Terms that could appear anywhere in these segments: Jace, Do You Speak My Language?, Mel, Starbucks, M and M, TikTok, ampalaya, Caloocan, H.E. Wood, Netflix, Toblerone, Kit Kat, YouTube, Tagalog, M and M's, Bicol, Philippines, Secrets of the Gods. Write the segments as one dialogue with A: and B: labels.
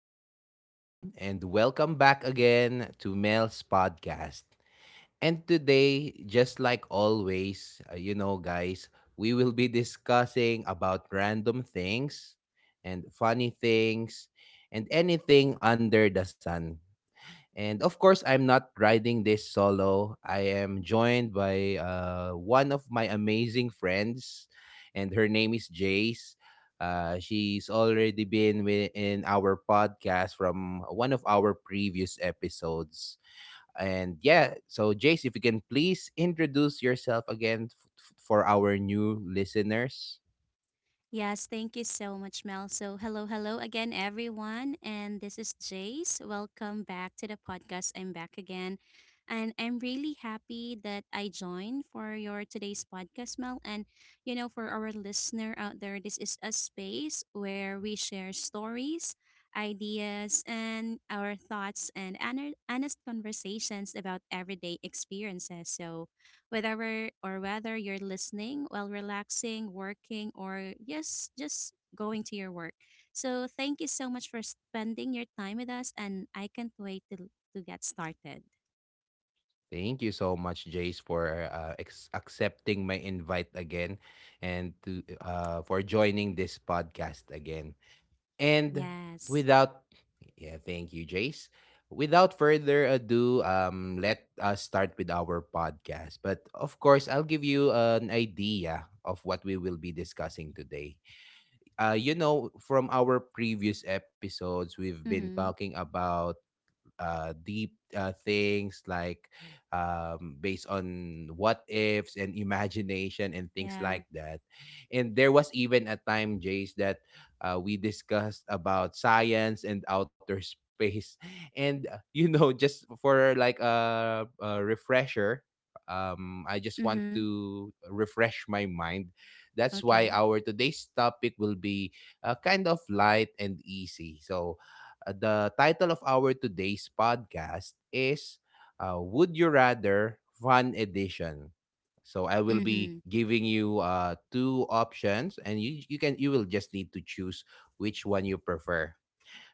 A: up, everyone? And welcome back again to Mel's podcast. And today, just like always, guys, we will be discussing about random things and funny things and anything under the sun. And of course, I'm not riding this solo. I am joined by one of my amazing friends, and her name is Jace. She's already been in our podcast from one of our previous episodes. And yeah, so Jace, if you can please introduce yourself again for our new listeners.
B: Yes, thank you so much, Mel. So, hello, hello again, everyone. And this is Jace. Welcome back to the podcast. I'm back again. And I'm really happy that I joined for your today's podcast, Mel. And, for our listener out there, this is a space where we share stories, ideas, and our thoughts and honest conversations about everyday experiences. So, whether you're listening while relaxing, working, or yes, just going to your work. So thank you so much for spending your time with us, and I can't wait to get started.
A: Thank you so much, Jace, for accepting my invite again, and to for joining this podcast again. And
B: Yes.
A: without, yeah, thank you, Jace. Without further ado, let us start with our podcast. But of course, I'll give you an idea of what we will be discussing today. From our previous episodes, we've been
B: Mm-hmm.
A: talking about deep things like based on what ifs and imagination and things
B: Yeah.
A: like that. And there was even a time, Jace, that we discussed about science and outer space. And, just for like a refresher, I just want
B: Mm-hmm.
A: to refresh my mind. That's
B: Okay.
A: why our today's topic will be kind of light and easy. So, the title of our today's podcast is Would You Rather Fun Edition. So I will be
B: Mm-hmm.
A: giving you two options, and you will just need to choose which one you prefer.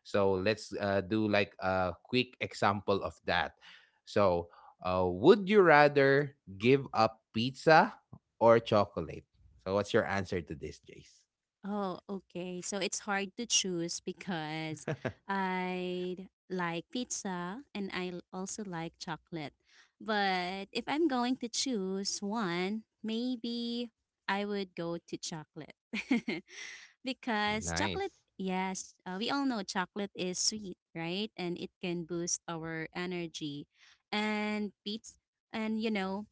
A: So let's do like a quick example of that. So, would you rather give up pizza or chocolate? So, what's your answer to this, Jace?
B: Oh, okay. So it's hard to choose because I like pizza and I also like chocolate. But if I'm going to choose one, maybe I would go to chocolate. Because chocolate,
A: Nice.
B: yes, we all know chocolate is sweet, right? And it can boost our energy. And pizza, and you know,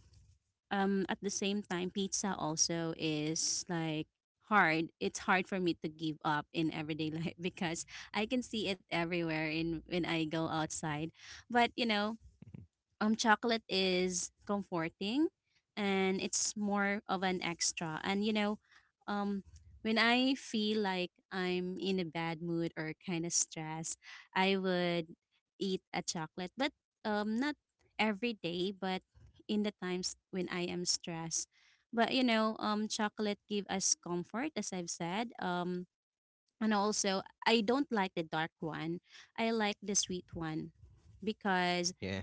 B: um at the same time pizza also is like hard it's hard for me to give up in everyday life because I can see it everywhere in when I go outside. But chocolate is comforting, and it's more of an extra. And um when I feel like I'm in a bad mood or kind of stressed, I would eat a chocolate, but not every day, but in the times when I am stressed. But chocolate give us comfort, as I've said. And also, I don't like the dark one, I like the sweet one, because
A: Yeah.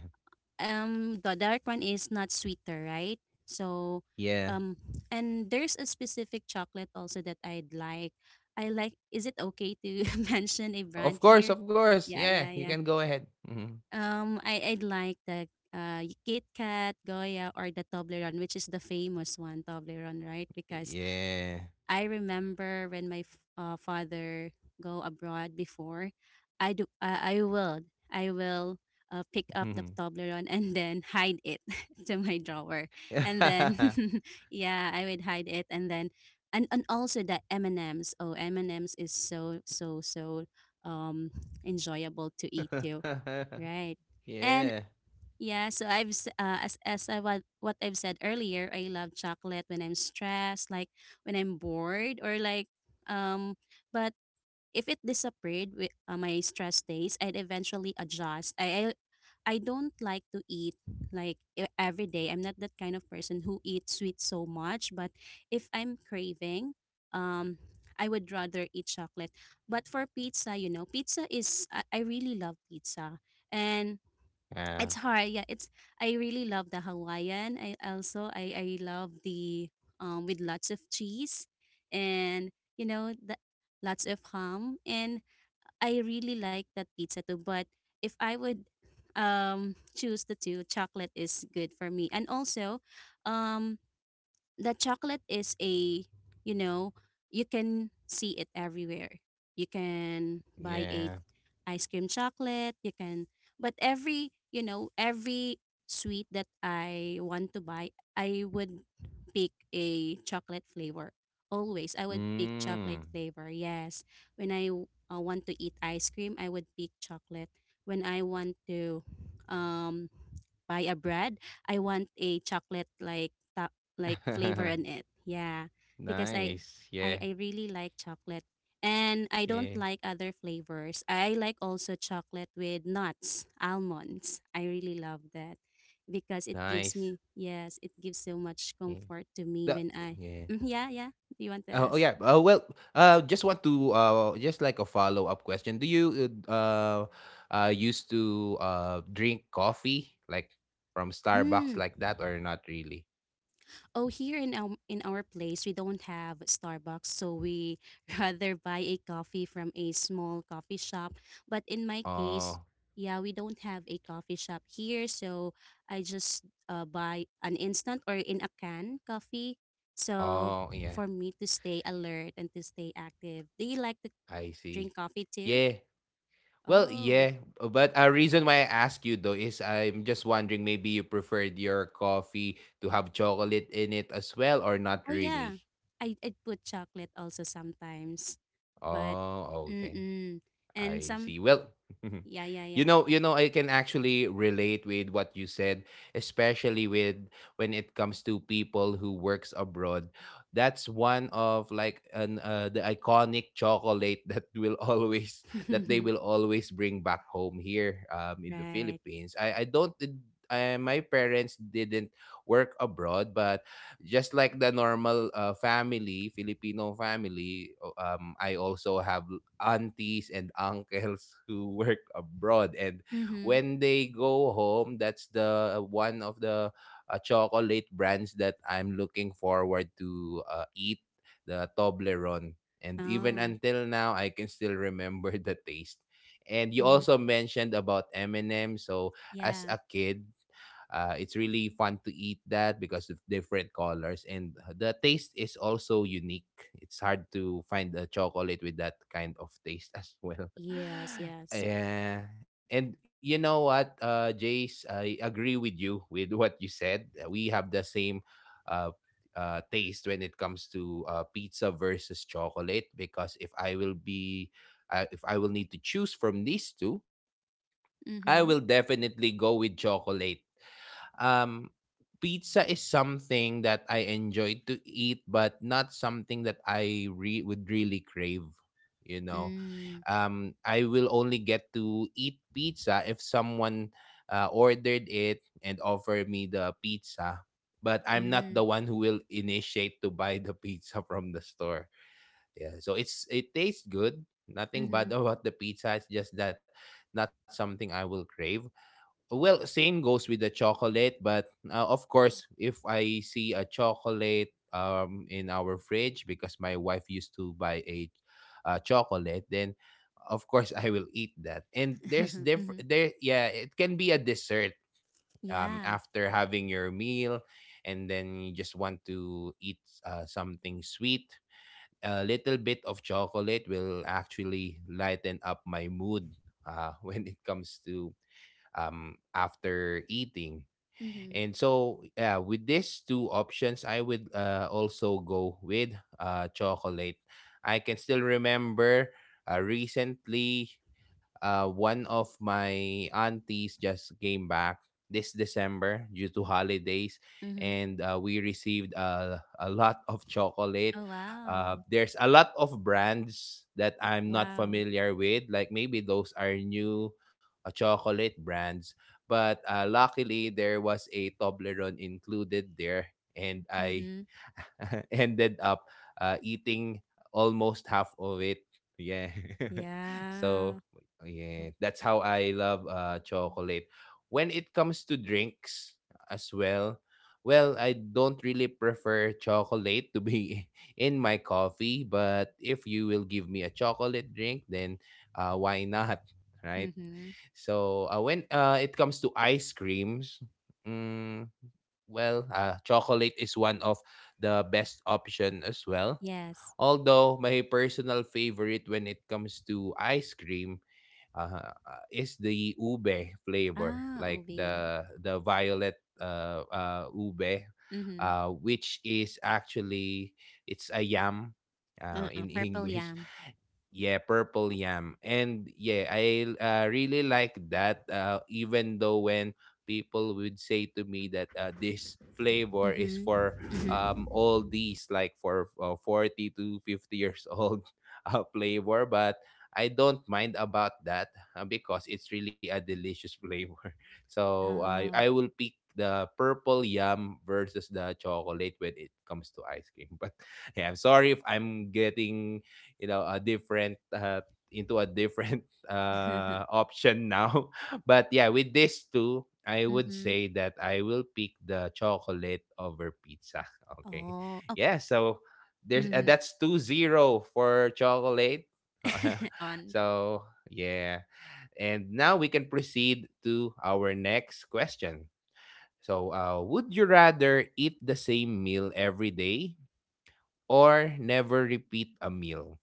B: the dark one is not sweeter, right? So,
A: Yeah.
B: um and there's a specific chocolate also that I like. Is it okay to mention a
A: Of
B: brand
A: course,
B: here?
A: of course.
B: yeah
A: Yeah,
B: yeah
A: you can
B: yeah
A: go ahead. Mhm.
B: I'd like the Kit Kat Goya or the Toblerone, which is the famous one, Toblerone, right? Because
A: Yeah.
B: I remember when my father go abroad before. I do. I will. I will pick up the
A: Mhm.
B: Toblerone and then hide it to my drawer, and then yeah, I would hide it, and then and also the M and M's. Oh, M and M's is so um enjoyable to eat too, right?
A: Yeah.
B: And yeah, so as I what I've said earlier, I love chocolate when I'm stressed, like when I'm bored, or like um. But if it disappeared with my stress days, I'd eventually adjust. I don't like to eat like every day. I'm not that kind of person who eats sweet so much. But if I'm craving, um, I would rather eat chocolate. But for pizza, you know, pizza is I really love pizza. And
A: Uh,
B: it's hard, yeah, it's, I really love the Hawaiian. I also i i love the with lots of cheese, and you know, the lots of ham. And I really like that pizza too. But if I would choose the two, chocolate is good for me. And also um the chocolate is a, you know, you can see it everywhere. You can buy a,
A: yeah.
B: ice cream chocolate, you can. But every you know every sweet that I want to buy, I would pick a chocolate flavor. Always I would pick
A: Mm.
B: chocolate flavor, yes. When I want to eat ice cream, I would pick chocolate. When I want to um buy a bread, I want a chocolate like flavor in it, yeah. Because
A: Nice. Yeah.
B: I really like chocolate, and I don't
A: Yeah.
B: like other flavors. I like also chocolate with nuts, almonds. I really love that because it gives
A: Nice.
B: me, yes, it gives so much
A: Yeah.
B: comfort to me
A: The-
B: when I.
A: yeah.
B: Mm, yeah, yeah. Do you want to
A: Oh, oh
B: ask?
A: yeah. Well, just want to just like a follow up question. Do you used to drink coffee like from Starbucks
B: Mm.
A: like that or not really?
B: Oh, here in our place, we don't have Starbucks, so we rather buy a coffee from a small coffee shop. But in my case,
A: Oh.
B: yeah, we don't have a coffee shop here, so I just buy an instant or in a can coffee. So
A: Oh, yeah.
B: for me to stay alert and to stay active, do you like to
A: I
B: drink
A: see.
B: coffee too?
A: Yeah. Well,
B: Oh,
A: yeah. But a reason why I ask you though is I'm just wondering maybe you preferred your coffee to have chocolate in it as well or not
B: oh
A: really.
B: yeah, I put chocolate also sometimes, but
A: Oh,
B: mm
A: okay.
B: mm, and
A: I
B: some
A: see. Well,
B: yeah yeah yeah.
A: I can actually relate with what you said, especially with when it comes to people who works abroad. That's one of like an the iconic chocolate that they will always bring back home here in the
B: Right.
A: Philippines. I don't did- I, My parents didn't work abroad, but just like the normal family, Filipino family, I also have aunties and uncles who work abroad, and
B: Mm-hmm.
A: when they go home, that's the one of the chocolate brands that I'm looking forward to eat, the Toblerone, and even
B: Oh.
A: until now I can still remember the taste. And you
B: Mm-hmm.
A: also mentioned about M&M, so as
B: Yeah.
A: a kid it's really fun to eat that because of different colors, and the taste is also unique. It's hard to find a chocolate with that kind of taste as well.
B: Yes, yes.
A: Yeah. And you know what, Jace, I agree with you with what you said. We have the same uh, taste when it comes to pizza versus chocolate, because if I will need to choose from these two, I
B: Mm-hmm.
A: will definitely go with chocolate. Um, Pizza is something that I enjoy to eat, but not something that I would really crave. You know,
B: Mm.
A: I will only get to eat pizza if someone ordered it and offered me the pizza. But I'm not the
B: Mm.
A: one who will initiate to buy the pizza from the store. Yeah, so it tastes good. Nothing
B: Mm-hmm.
A: bad about the pizza. It's just that not something I will crave. Well, same goes with the chocolate, but of course, if I see a chocolate in our fridge because my wife used to buy a chocolate, then of course I will eat that. And there's
B: mm-hmm.
A: different there. Yeah, it can be a dessert
B: Yeah.
A: after having your meal, and then you just want to eat something sweet. A little bit of chocolate will actually lighten up my mood when it comes to after eating.
B: Mm-hmm.
A: And so yeah, with these two options, I would also go with chocolate. I can still remember recently one of my aunties just came back this December due to holidays,
B: Mm-hmm.
A: and we received a lot of chocolate.
B: Oh wow.
A: There's a lot of brands that I'm not
B: Wow.
A: familiar with, like maybe those are new chocolate brands, but luckily, there was a Toblerone included there, and I
B: Mm-hmm.
A: ended up eating almost half of it. Yeah.
B: Yeah.
A: So, yeah, that's how I love chocolate. When it comes to drinks as well, well, I don't really prefer chocolate to be in my coffee, but if you will give me a chocolate drink, then why not? Right?
B: Mm-hmm.
A: So when it comes to ice creams, mm, well, chocolate is one of the best option as well.
B: Yes.
A: Although my personal favorite when it comes to ice cream is the ube flavor,
B: Ah,
A: like
B: ubi.
A: the violet ube,
B: Mm-hmm.
A: which is actually it's a yam
B: Uh-uh.
A: in
B: Purple
A: English.
B: yam.
A: Yeah, purple yam. And yeah, I really like that. Even though when people would say to me that this flavor is
B: Mm-hmm.
A: for
B: Mm-hmm.
A: all these, like for 40 to 50 years old flavor, but I don't mind about that because it's really a delicious flavor. So I
B: Oh.
A: will pick the purple yam versus the chocolate when it comes to ice cream, but yeah, I'm sorry if I'm getting a different into a different option now. But yeah, with these two, I would
B: mm-hmm.
A: say that I will pick the chocolate over pizza. Okay.
B: Oh. Oh.
A: Yeah, so there's
B: Mm-hmm.
A: that's 2-0 for chocolate.
B: On.
A: So yeah, and now we can proceed to our next question. So would you rather eat the same meal every day or never repeat a meal?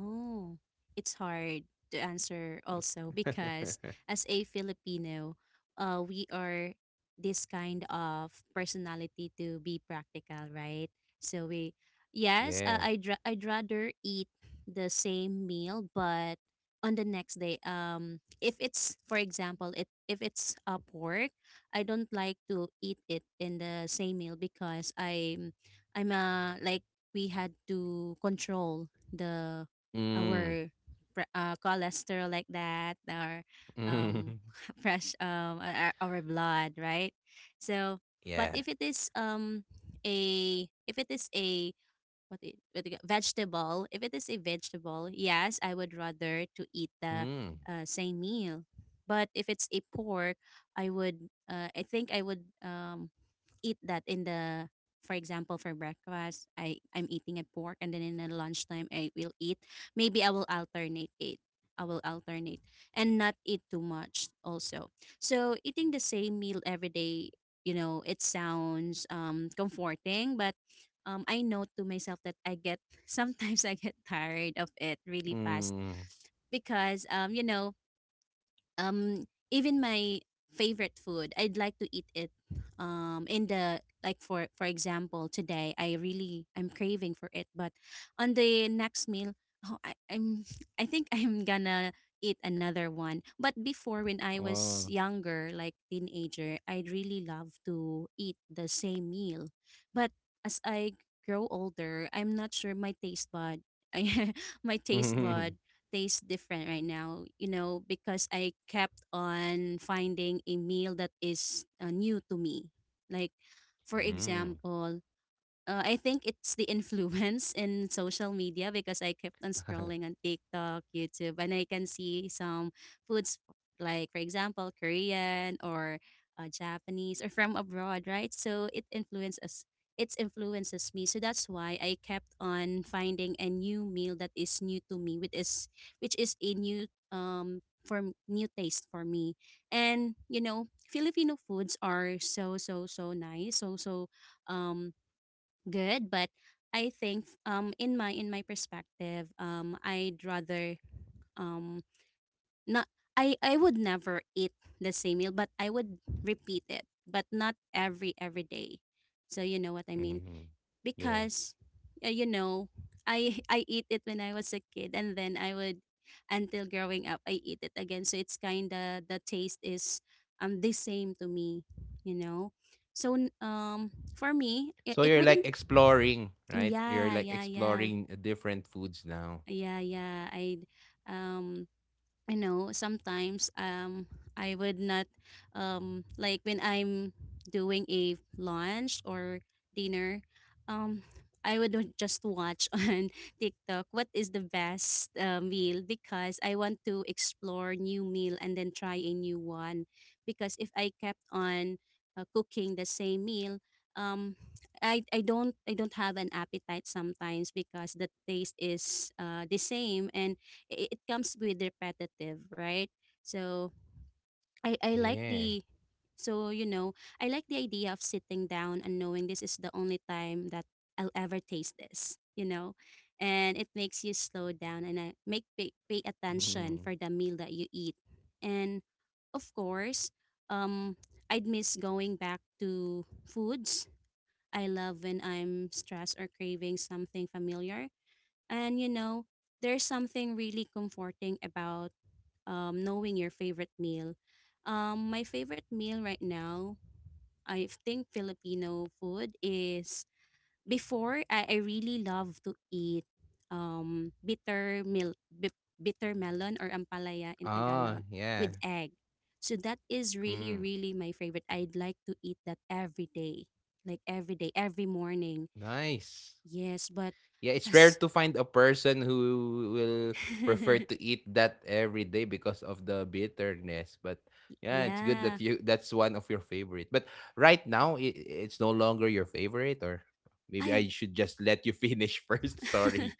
B: Oh, it's hard to answer also because as a Filipino, we are this kind of personality to be practical, right? So we, yes,
A: Yeah.
B: I'd rather eat the same meal, but on the next day, if it's, for example, it if it's pork, I don't like to eat it in the same meal, because I'm like, we had to control the
A: Mm.
B: our cholesterol like that, our um
A: Mm.
B: fresh, our blood, right? So. But
A: Yeah.
B: if it is a if it is a what I- what do you ca- vegetable, if it is a vegetable, yes, I would rather to eat the
A: Mm.
B: same meal. But if it's a pork, I would, I think I would eat that in the, for example, for breakfast, I'm eating a pork, and then in the lunchtime I will eat, maybe I will alternate it, I will alternate, and not eat too much also. So eating the same meal every day, you know, it sounds comforting, but I know to myself that I get sometimes I get tired of it really fast,
A: Mm.
B: because um, even my favorite food, I'd like to eat it. In the, like, for example, today I really, I'm craving for it, but on the next meal, oh, I'm I think I'm gonna eat another one. But before, when I was
A: Oh.
B: younger, like teenager, I'd really love to eat the same meal, but as I grow older, I'm not sure my taste bud. I, my taste bud tastes different right now, you know, because I kept on finding a meal that is new to me. Like, for
A: Mm.
B: example, I think it's the influence in social media, because I kept on
A: Mm.
B: scrolling on TikTok, YouTube, and I can see some foods like, for example, Korean or Japanese or from abroad, right? So it influences me. So that's why I kept on finding a new meal that is new to me, which is a new new taste for me. And you know, Filipino foods are so nice, so um good. But I think in my perspective, I'd rather um not I I would never eat the same meal, but I would repeat it, but not every day. So you know what I mean?
A: Mm. Yeah.
B: Because you know, I I eat it when I was a kid, and then I would, until growing up, I eat it again, so it's kind of the taste is the same to me, you know. So for me,
A: So
B: it
A: you're like
B: wouldn't.
A: exploring, right? You're
B: Yeah,
A: like
B: yeah, yeah.
A: exploring different foods now.
B: Yeah, yeah. Um you know, sometimes I would not like when I'm doing a lunch or dinner, um I would not just watch on TikTok what is the best meal, because I want to explore new meal and then try a new one. Because if I kept on cooking the same meal, um I don't, I don't have an appetite sometimes, because the taste is the same, and it comes with repetitive, right? So I like
A: Yeah.
B: the, so you know, I like the idea of sitting down and knowing this is the only time that I'll ever taste this, you know, and it makes you slow down and make pay attention
A: Mm.
B: for the meal that you eat. And of course, um, I'd miss going back to foods I love when I'm stressed or craving something familiar. And you know, there's something really comforting about knowing your favorite meal. My favorite meal right now, I think Filipino food is, before, I really love to eat um, bitter milk, bitter melon, or ampalaya in
A: Ah,
B: Tagalog, with
A: yeah.
B: egg. So that is
A: Mm.
B: really, really my favorite. I'd like to eat that every day, like every day, every morning.
A: Nice.
B: Yes, but
A: Yeah, it's rare
B: as
A: to find a person who will prefer to eat that every day because of the bitterness. But yeah, it's good
B: yeah,
A: that you that's one of your favorite. But right now, it's no longer your favorite, or maybe
B: I
A: I should just let you finish first. Sorry.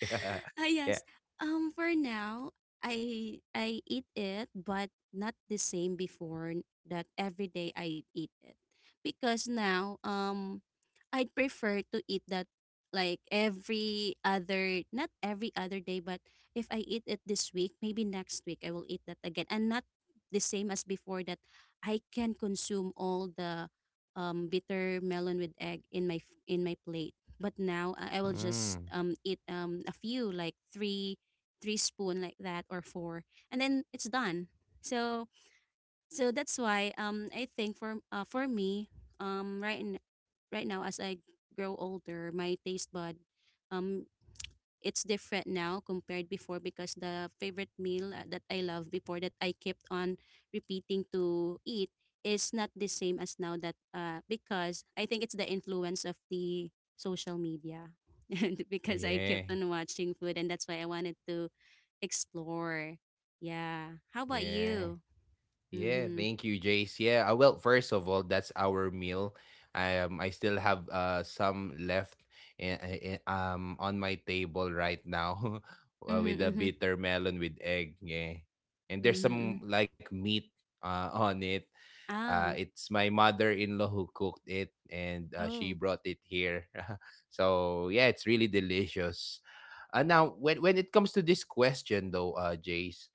B: Ah,
A: Yeah.
B: yes. For now, I eat it, but not the same before that every day I eat it. Because now, I'd prefer to eat that like every other, not every other day, but if I eat it this week, maybe next week I will eat that again. And not the same as before that I can consume all the bitter melon with egg in my in my plate. But now I will just
A: Mm.
B: eat a few like three spoon like that or four, and then it's done. So so that's why I think for me um right n- right now as I grow older, my taste bud um it's different now compared before because the favorite meal that I love before that I kept on repeating to eat is not the same as now that because I think it's the influence of the social media and
A: Oh
B: because I
A: yeah.
B: kept on watching food and that's why I wanted to explore. Yeah. How about
A: Yeah.
B: you?
A: Yeah,
B: Mhm.
A: thank you, Jace. Yeah, well, first of all, that's our meal. I still have some left on my table right now,
B: Mhm.
A: with a
B: Mhm.
A: bitter melon with egg. Yeah, and
B: Mhm.
A: there's some
B: Mhm.
A: like meat on it.
B: Ah.
A: It's my mother-in-law who cooked it, and she
B: Oh.
A: brought it here. So yeah, it's really delicious. Now, when it comes to this question, though, Jace,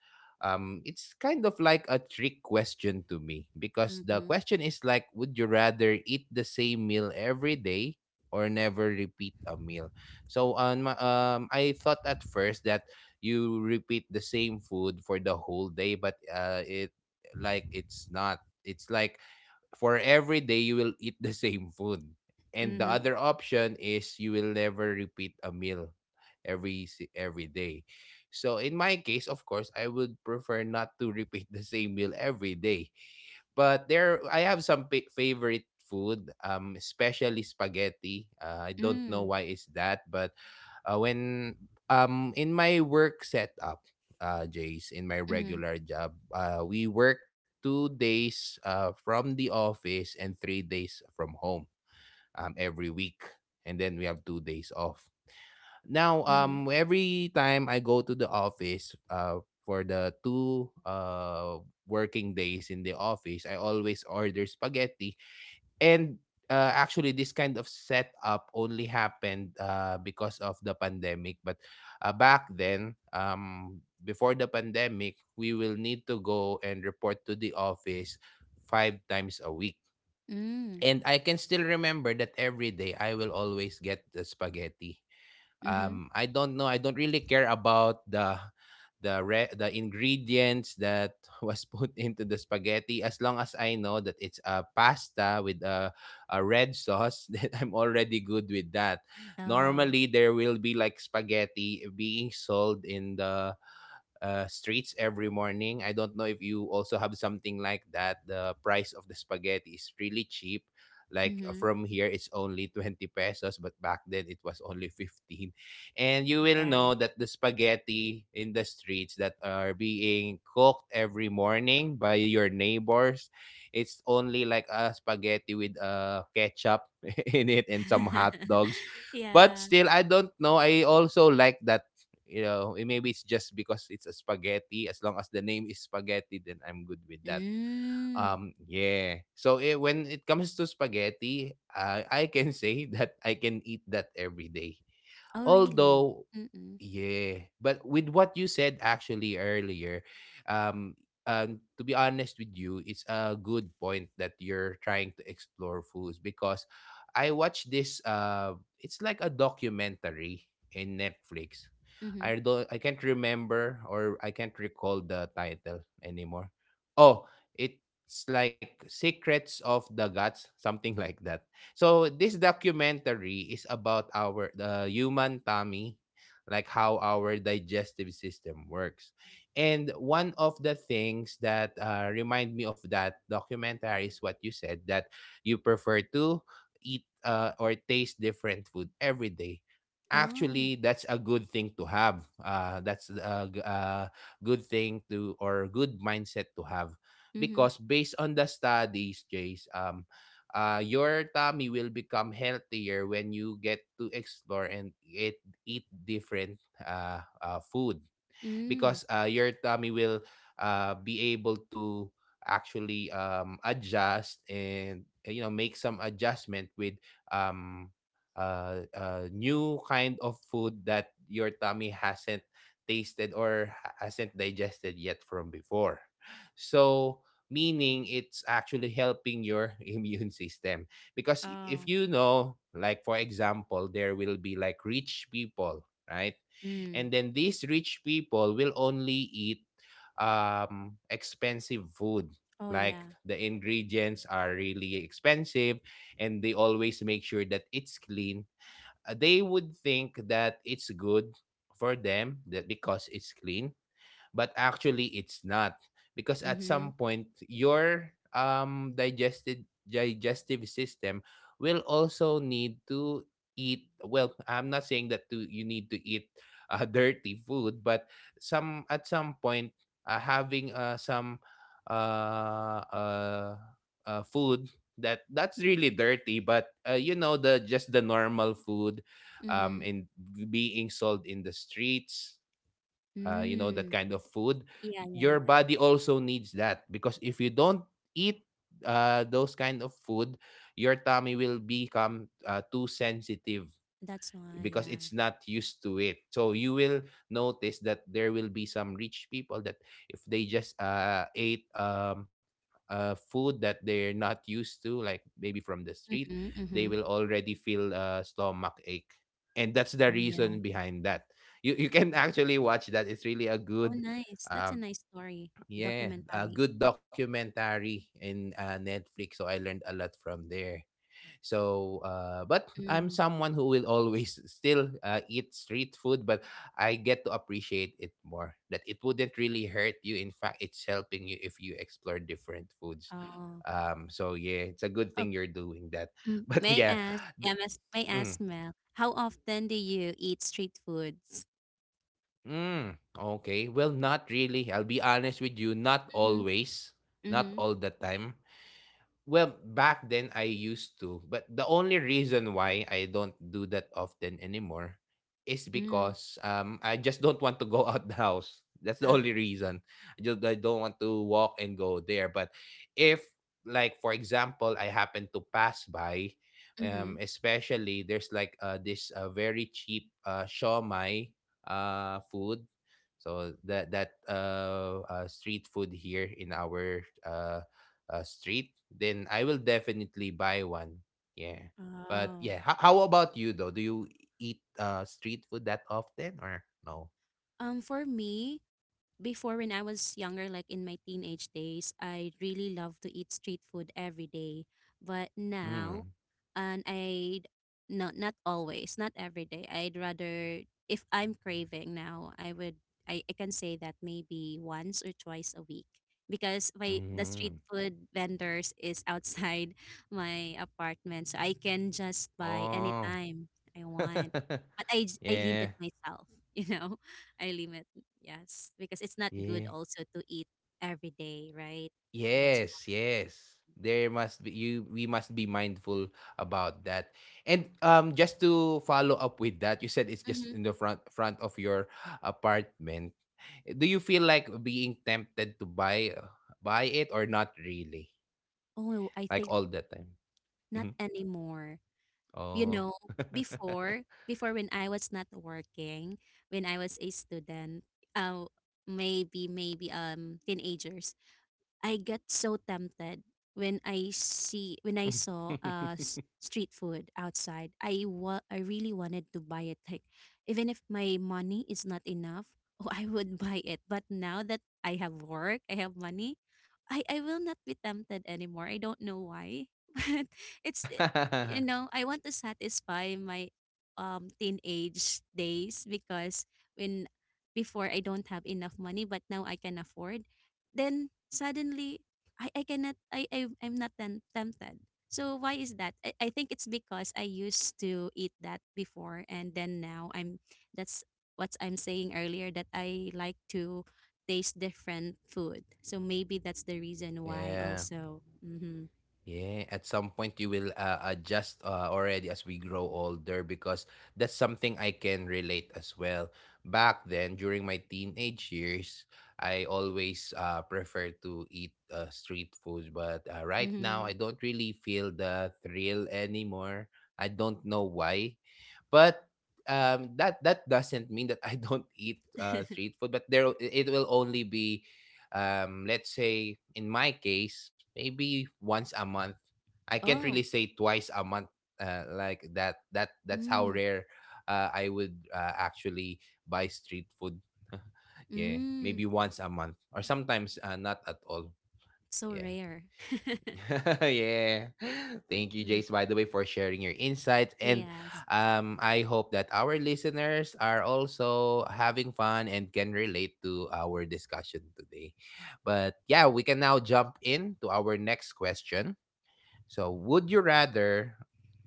A: it's kind of like a trick question to me because the
B: Mhm.
A: question is like, would you rather eat the same meal every day or never repeat a meal? So, I thought at first that you repeat the same food for the whole day, but it like it's not. It's like for every day you will eat the same food. And the
B: Mhm.
A: other option is you will never repeat a meal every every day. So in my case, of course, I would prefer not to repeat the same meal every day. But there I have some favorite food, especially spaghetti. I don't know
B: Mm.
A: why is that, but when in my work setup Jace, in my
B: Mhm.
A: regular job, we work 2 days from the office and 3 days from home every week, and then we have 2 days off now.
B: Mhm.
A: Every time I go to the office for the two working days in the office, I always order spaghetti. And, actually, this kind of setup only happened because of the pandemic. But, back then, before the pandemic, we will need to go and report to the office five times a week.
B: Mm.
A: And I can still remember that every day I will always get the spaghetti.
B: Mhm.
A: I don't know, I don't really care about the the ingredients that was put into the spaghetti. As long as I know that it's a pasta with a red sauce, then I'm already good with that.
B: Oh.
A: Normally there will be like spaghetti being sold in the streets every morning. I don't know if you also have something like that. The price of the spaghetti is really cheap. Like
B: Mm-hmm.
A: from here, it's only 20 pesos, but back then it was only 15. And you will
B: Yeah.
A: know that the spaghetti in the streets that are being cooked every morning by your neighbors, it's only like a spaghetti with ketchup in it and some hot dogs. But
B: Yeah.
A: still, I don't know. I also like that. You know, it- maybe it's just because it's a spaghetti. As long as the name is spaghetti, then I'm good with that.
B: Mm.
A: Yeah. So when it comes to spaghetti, I can say that I can eat that every day.
B: Oh, really?
A: Although,
B: Mm-mm.
A: yeah, but with what you said actually earlier, um, to be honest with you, it's a good point that you're trying to explore foods, because I watched this. It's like a documentary in Netflix.
B: Mm-hmm.
A: I can't remember or I can't recall the title anymore. Oh, it's like Secrets of the Gods, something like that. So this documentary is about our the human tummy, like how our digestive system works. And one of the things that remind me of that documentary is what you said, that you prefer to eat or taste different food every day.
B: Oh.
A: Actually, that's a good thing to have. That's a good thing to or good mindset to have,
B: Mm-hmm.
A: because based on the studies, Jace, your tummy will become healthier when you get to explore and eat different food.
B: Mm.
A: Because your tummy will be able to actually adjust and, you know, make some adjustment with um, new kind of food that your tummy hasn't tasted or hasn't digested yet from before. So, meaning, it's actually helping your immune system, because,
B: Oh.
A: if you know, like for example, there will be like rich people, right?
B: Mm.
A: And then these rich people will only eat expensive food,
B: Oh, yeah.
A: like the ingredients are really expensive, and they always make sure that it's clean. They would think that it's good for them, that because it's clean, but actually it's not, because at
B: Mm-hmm.
A: some point your digested digestive system will also need to eat. Well, I'm not saying you need to eat dirty food, but some at some point, having some uh, uh, food that that's really dirty, but you know, the just the normal food
B: Mm-hmm.
A: in being sold in the streets, you know, that
B: Mm.
A: kind of food,
B: Yeah, yeah,
A: your
B: yeah.
A: body also needs that. Because if you don't eat those kind of food, your tummy will become too sensitive,
B: That's why,
A: because
B: yeah.
A: it's not used to it. So you will notice that there will be some rich people that, if they just ate food that they're not used to, like maybe from the street,
B: Mm-hmm.
A: they will
B: Mm-hmm.
A: already feel stomach ache. And that's the
B: Oh,
A: reason
B: yeah.
A: behind that. You can actually watch that. It's really a
B: Oh,
A: good,
B: nice. That's a
A: um,
B: nice story.
A: yeah, a
B: Documentary.
A: good documentary in Netflix. So I learned a lot from there. So, but I'm
B: Mm-hmm.
A: someone who will always still eat street food, but I get to appreciate it more. That it wouldn't really hurt you. In fact, it's helping you if you explore different foods.
B: Oh.
A: So yeah, it's a good
B: Oh,
A: thing you're doing that.
B: mm.
A: But yeah, th-
B: May I
A: mm,
B: ask, Mel, how often do you eat street foods?
A: mm, okay. Well, not really. I'll be honest with you. Not
B: Mm-hmm.
A: always. Not
B: Mm-hmm.
A: all the time. Well, back then I used to, but the only reason why I don't do that often anymore is because I just don't want to go out the house. That's the
B: Mm.
A: only reason. I don't want to walk and go there. But if, like for example, I happen to pass by,
B: Mm-hmm.
A: especially there's like this very cheap shawmai food. So that that street food here in our street, then I will definitely buy one. Yeah. But
B: Oh.
A: yeah, how about you though? Do you eat street food that often or no?
B: For me, before when I was younger, like in my teenage days, I really loved to eat street food every day. But now,
A: Hmm.
B: and I not always, not every day. I'd rather If I'm craving now, I can say that maybe once or twice a week because my the street
A: Mm.
B: food vendors is outside my apartment, so I can just buy
A: Oh.
B: anytime I want. But I limit
A: Yeah.
B: myself, you know, I limit. Yes, because it's not good
A: Yeah.
B: also to eat every day, right? That's.
A: Yes, yes. There must be you we must be mindful about that. And just to follow up with that, you said it's
B: Mm-hmm.
A: just in the front of your apartment. Do you feel like being tempted to buy it or not really?
B: Oh, I
A: Like
B: think
A: all the time.
B: not
A: Mhm.
B: anymore. You
A: Oh.
B: know, before, before when I was not working, when I was a student, uh, maybe, teenagers, I get so tempted when I see when I saw street food outside. I really wanted to buy it. Like even if my money is not enough, oh, I would buy it. But now that I have work, I have money, I will not be tempted anymore. I don't know why, but it's you know, I want to satisfy my teenage days because when before I don't have enough money, but now I can afford then suddenly I cannot I, I I'm not tempted. So why is that? I think it's because I used to eat that before and then now I'm that's what I'm saying earlier that I like to taste different food. So maybe that's the reason why
A: Yeah.
B: also. Mm-hmm.
A: Yeah, at some point you will adjust already as we grow older, because that's something I can relate as well. Back then, during my teenage years, I always prefer to eat street food, but right now
B: Mm-hmm.
A: I don't really feel the thrill anymore. I don't know why, but that that doesn't mean that I don't eat street food. But there, it will only be, let's say in my case, maybe once a month. I can't really
B: Oh.
A: say twice a month. Like, that's how
B: Mm.
A: rare I would actually buy street food. Yeah,
B: Mm.
A: maybe once a month or sometimes not at all.
B: So
A: Yeah.
B: rare.
A: Yeah. Thank you,
B: Mm,
A: Jace, by the way, for sharing your insights. And
B: yes.
A: I hope that our listeners are also having fun and can relate to our discussion today. But yeah, we can now jump in to our next question. So, would you rather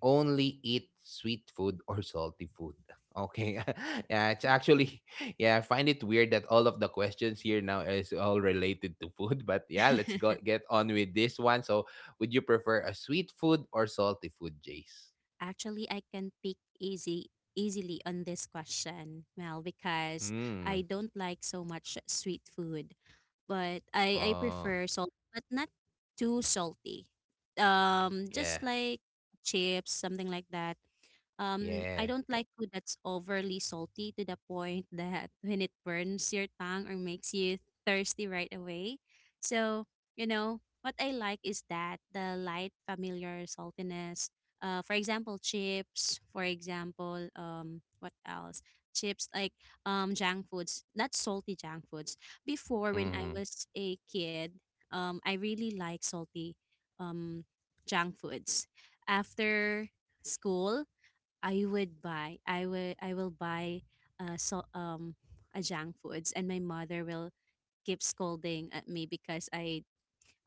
A: only eat sweet food or salty food? Okay. Yeah, it's actually yeah, I find it weird that all of the questions here now is all related to food, but yeah, let's go get on with this one. So, would you prefer a sweet food or salty food, Jace?
B: Actually, I can pick easy easily on this question, Mel, because I
A: Mm.
B: don't like so much sweet food. But I
A: Oh,
B: prefer salty, but not too salty.
A: yeah.
B: Just like chips, something like that. I
A: Yeah.
B: don't like food that's overly salty to the point that when it burns your tongue or makes you thirsty right away. So, you know, what I like is that the light, familiar saltiness. For example, chips. For example, what else? Chips like junk foods, not salty junk foods. Before, when I
A: Mm.
B: was a kid, I really like salty um junk foods. After school I would buy I will buy uh so um a junk foods and my mother will keep scolding at me because I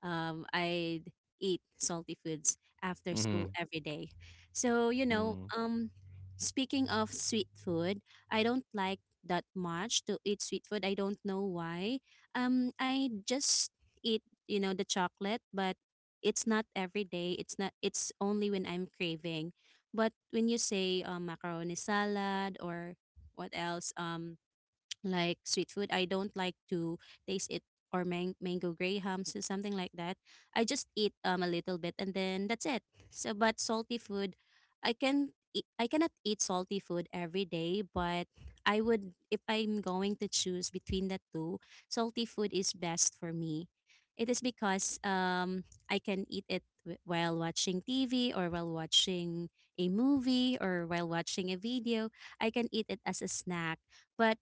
B: um, I'd eat salty foods after school
A: Mm.
B: every day. So, you know,
A: Mm.
B: speaking of sweet food, I don't like that much to eat sweet food. I don't know why. I just eat, you know, the chocolate, but it's not every day. It's not. It's only when I'm craving. But when you say macaroni salad or what else? Like sweet food. I don't like to taste it or mango grahams or something like that. I just eat a little bit and then that's it. So but salty food, I cannot eat salty food every day, but I would if I'm going to choose between the two, salty food is best for me. It is because I can eat it while watching TV or while watching a movie or while watching a video. I can eat it as a snack. But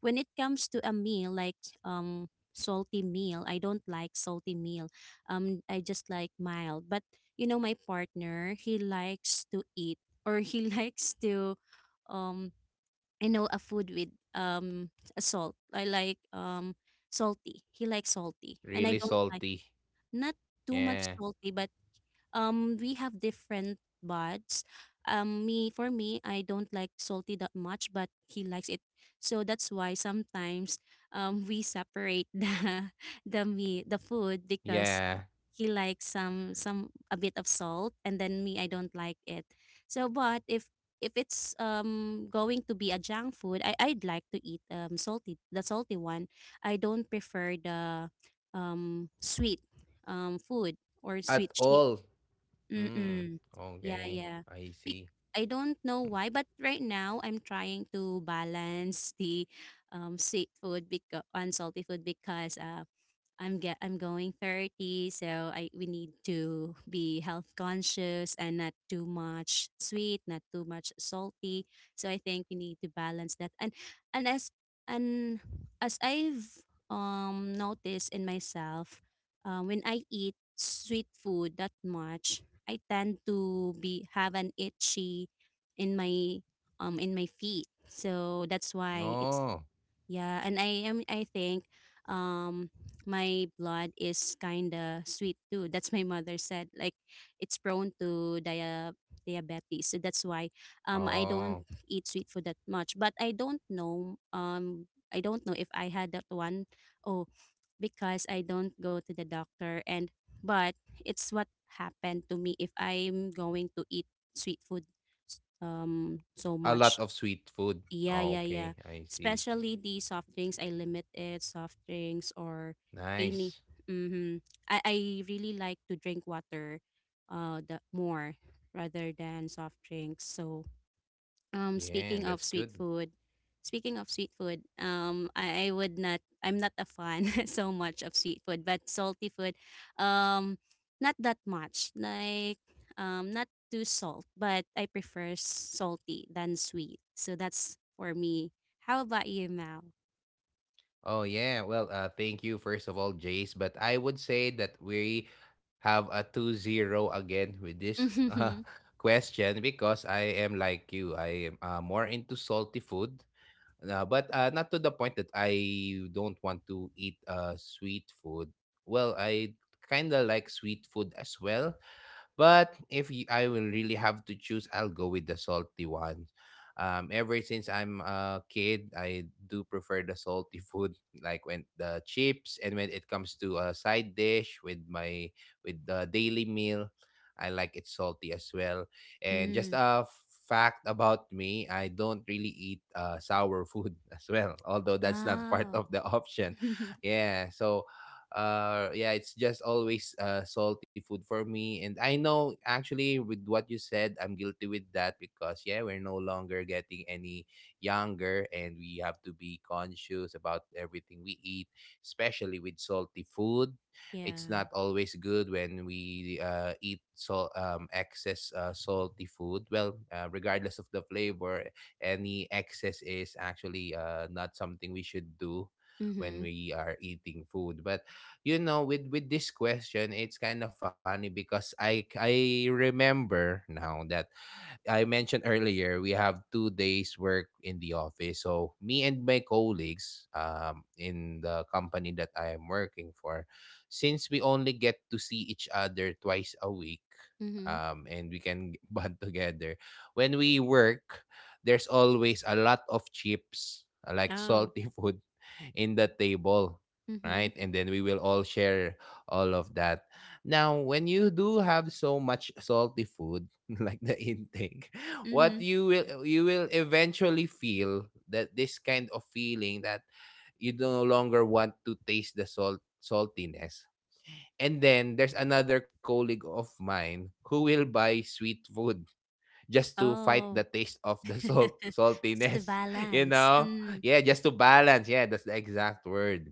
B: when it comes to a meal like um salty meal I don't like salty meal. I just like mild, but you know my partner he likes to eat or he likes to um you know a food with a salt. I like um salty he likes salty and I
A: Really
B: don't like,
A: salty.
B: not too
A: Yeah.
B: much salty, but we have different buds. Me For me I don't like salty that much, but he likes it. So that's why sometimes we separate the meat the food because
A: Yeah.
B: he likes some a bit of salt and then me I don't like it. So but if it's going to be a junk food I'd like to eat salty the salty one. I don't prefer the sweet food or
A: At
B: sweet.
A: all. Mm.
B: Mm. Yeah,
A: Okay.
B: yeah.
A: I see.
B: Bec- I don't know why, but right now I'm trying to balance the sweet food bec- and food because I'm going 30, so I we need to be health conscious and not too much sweet, not too much salty. So I think we need to balance that. And as and as I've noticed in myself, when I eat sweet food that much, I tend to be have an itchy in my in my feet. So that's why it's,
A: Oh,
B: yeah, and I think um my blood is kind of sweet too. That's my mother said, like it's prone to diabetes. So that's why I don't
A: oh,
B: eat sweet food that much, but I don't know, I don't know if I had that one, oh, because I don't go to the doctor. And but it's what happened to me if I'm going to eat sweet food so
A: a lot
B: much.
A: of sweet food.
B: Yeah,
A: Oh,
B: yeah, yeah.
A: okay, I see.
B: Especially the soft drinks, I limit it. Soft drinks or any.
A: Nice.
B: Mm-hmm. I really like to drink water, the more rather than soft drinks. So um,
A: Yeah,
B: speaking
A: that's
B: of sweet
A: good.
B: food, speaking of sweet food, I would not. I'm not a fan so much of sweet food, but salty food, um, not that much. Like, not too salt, but I prefer salty than sweet. So that's for me. How about you, Mal?
A: Oh yeah, well, thank you first of all, Jace. But I would say that we have a 2-0 again with this uh,
B: Mm-hmm.
A: question, because I am like you. I am more into salty food, but not to the point that I don't want to eat sweet food. Well, I kind of like sweet food as well. But if I will really have to choose, I'll go with the salty ones. Ever since I'm a kid, I do prefer the salty food, like when the chips, and when it comes to a side dish with my with the daily meal, I like it salty as well. And
B: Mm.
A: just a fact about me, I don't really eat sour food as well, although that's not part
B: Oh.
A: of the option. Yeah, so yeah, it's just always salty food for me. And I know, actually, with what you said, I'm guilty with that, because yeah, we're no longer getting any younger, and we have to be conscious about everything we eat, especially with salty food. It's
B: Yeah.
A: not always good when we eat so excess salty food. Well, regardless of the flavor, any excess is actually not something we should do when
B: Mhm.
A: we are eating food. But you know, with this question, it's kind of funny, because I remember now that I mentioned earlier, we have 2 days work in the office. So me and my colleagues, in the company that I am working for, since we only get to see each other twice a week,
B: Mhm.
A: and we can bond together. When we work, there's always a lot of chips, like
B: Oh.
A: salty food, in the table,
B: Mhm.
A: right? And then we will all share all of that. Now, when you do have so much salty food, like the intake, what
B: Mhm.
A: you will eventually feel that this kind of feeling, that you no longer want to taste the saltiness. And then there's another colleague of mine who will buy sweet food, just to fight
B: Oh.
A: the taste of the
B: Just the
A: saltiness, you
B: balance.
A: know. Yeah, just to balance, yeah, that's the exact word.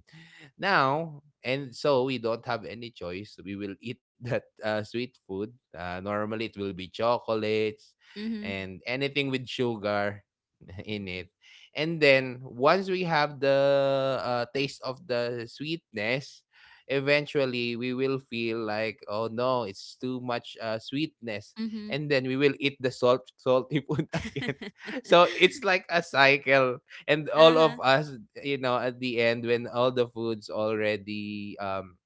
A: Now, and so we don't have any choice, we will eat that sweet food. Normally it will be chocolates
B: Mhm,
A: and anything with sugar in it. And then once we have the taste of the sweetness, eventually we will feel like, oh no, it's too much sweetness.
B: mhm.
A: And then we will eat the salty food again. So it's like a cycle, and all
B: Uh-huh.
A: of us, you know, at the end when all the food's already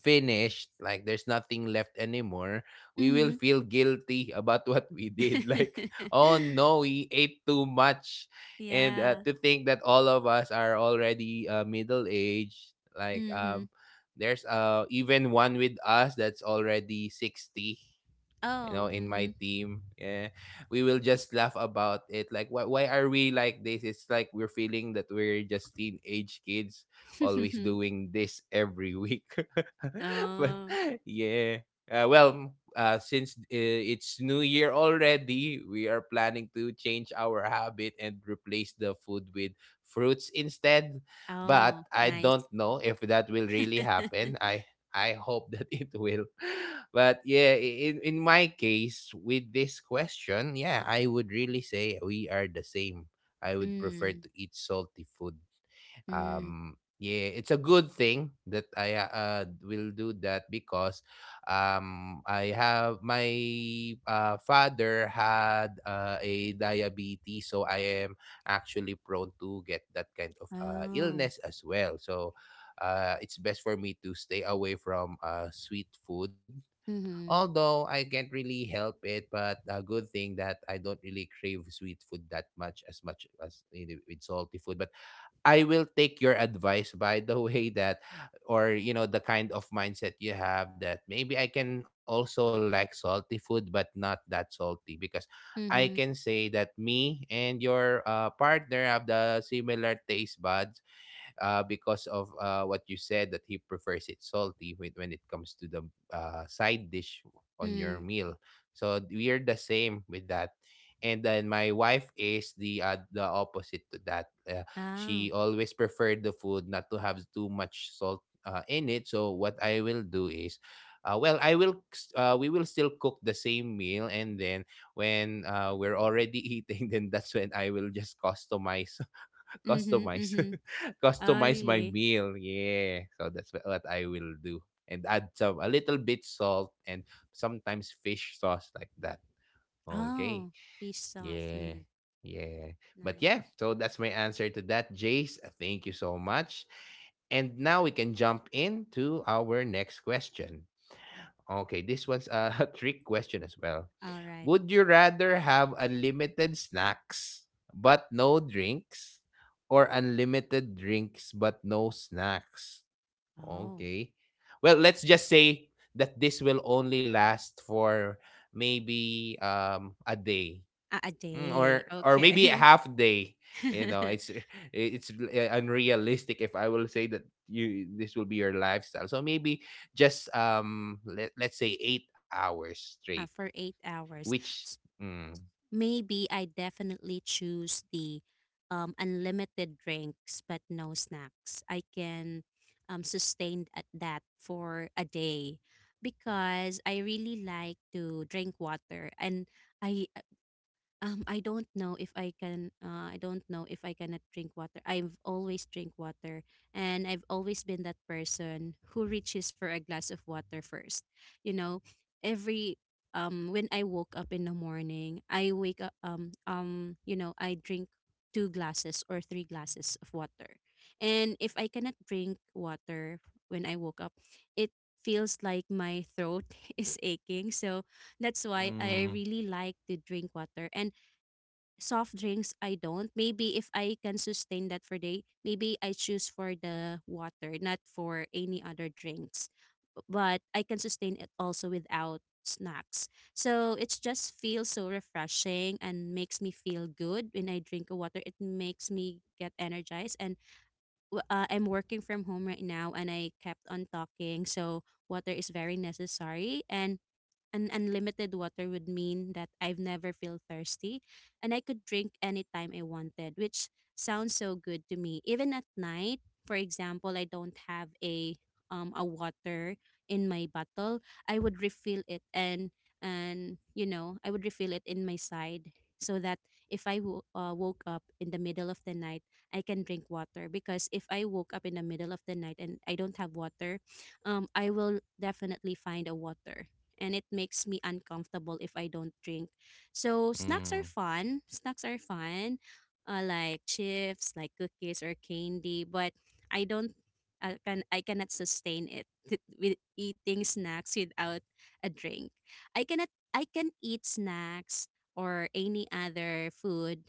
A: finished, like there's nothing left anymore, we
B: Mhm.
A: will feel guilty about what we did. Like, oh no, we ate too much, and
B: Yeah.
A: to think that all of us are already middle aged,
B: Mhm.
A: There's even one with us that's already 60, you
B: Oh,
A: know, in my
B: mhm.
A: team. Yeah, we will just laugh about it like why are we like this. It's like we're feeling that we're just teenage kids always doing this every week. But
B: Oh.
A: yeah, well, since it's new year already, we are planning to change our habit and replace the food with fruits instead, but
B: Oh,
A: I
B: nice.
A: don't know if that will really happen. I hope that it will. But yeah, in my case with this question, yeah, I would really say we are the same. I would prefer
B: Mm,
A: to eat salty food.
B: mm.
A: Yeah, it's a good thing that I will do that, because I have my father had a diabetes, so I am actually prone to get that kind of
B: Oh.
A: illness as well. So it's best for me to stay away from sweet food,
B: Mhm,
A: although I can't really help it. But a good thing that I don't really crave sweet food that much, as much as you with salty food. But I will take your advice, by the way, that, or you know, the kind of mindset you have, that maybe I can also like salty food but not that salty. Because I can
B: mhm,
A: say that me and your partner have the similar taste buds, because of what you said, that he prefers it salty with, when it comes to the side dish on your
B: mm.
A: meal. So we are the same with that. And then my wife is the the opposite to that. She
B: Oh.
A: always preferred the food not to have too much salt in it. So what I will do is, well, we will still cook the same meal, and then when we're already eating, then that's when I will just customize
B: Mhm,
A: Customize.
B: mhm. Oh,
A: Customize my
B: really?
A: meal. Yeah. So that's what I will do. And add some, a little bit salt, and sometimes fish sauce like that. Okay.
B: Oh, fish sauce.
A: Yeah.
B: Mhm.
A: Yeah. But
B: Nice.
A: yeah, so that's my answer to that, Jace. Thank you so much. And now we can jump into our next question. Okay, this one's a trick question as well.
B: Alright.
A: Would you rather have unlimited snacks but no drinks, or unlimited drinks but no snacks?
B: Oh,
A: Okay. Well, let's just say that this will only last for maybe a day.
B: a
A: Mm,
B: day.
A: or maybe a
B: Okay.
A: half day. You know, it's it's unrealistic if I will say that you this will be your lifestyle. So maybe just let's say 8 hours straight,
B: For 8 hours.
A: which mm,
B: Maybe I definitely choose the unlimited drinks but no snacks. I can sustain at that for a day because I really like to drink water and I I don't know if I can. I don't know if I cannot drink water. I've always drink water, and I've always been that person who reaches for a glass of water first. You know, every when I woke up in the morning, I wake up you know I drink two glasses or three glasses of water, and if I cannot drink water when I woke up, it feels like my throat is aching. So that's why I
A: mm,
B: really like to drink water and soft drinks I don't. Maybe if I can sustain that for day, maybe I choose for the water, not for any other drinks. But I can sustain it also without snacks. So it's just feels so refreshing and makes me feel good when I drink a water. It makes me get energized and I'm working from home right now and I kept on talking. So water is very necessary and an unlimited water would mean that I've never feel thirsty and I could drink anytime I wanted, which sounds so good to me. Even at night, for example, I don't have a water in my bottle, I would refill it and you know, I would refill it in my side so that if woke up in the middle of the night, I can drink water because if I woke up in the middle of the night and I don't have water, I will definitely find a water and it makes me uncomfortable if I don't drink. So snacks are
A: mm,
B: fun. Snacks are fun, like chips, like cookies or candy. But I don't, I can, I cannot sustain it with eating snacks without a drink. I cannot, I can eat snacks or any other food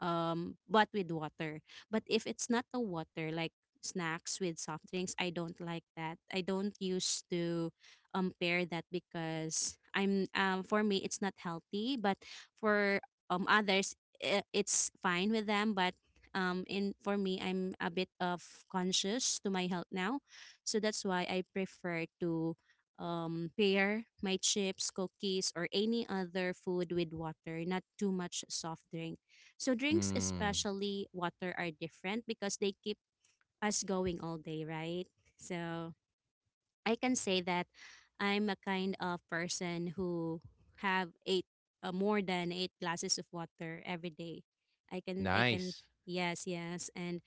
B: but with water. But if it's not the water, like snacks with soft drinks, I don't like that. I don't used to pair that because I'm for me it's not healthy, but for others i- it's fine with them, but in for me I'm a bit of conscious to my health now. So that's why I prefer to pair my chips, cookies, or any other food with water, not too much soft drink. So drinks,
A: mm,
B: especially water, are different because they keep us going all day, right? So
A: yeah,
B: I can say that I'm a kind of person who have eight more than eight glasses of water every day. I can.
A: nice,
B: Yes, yes. and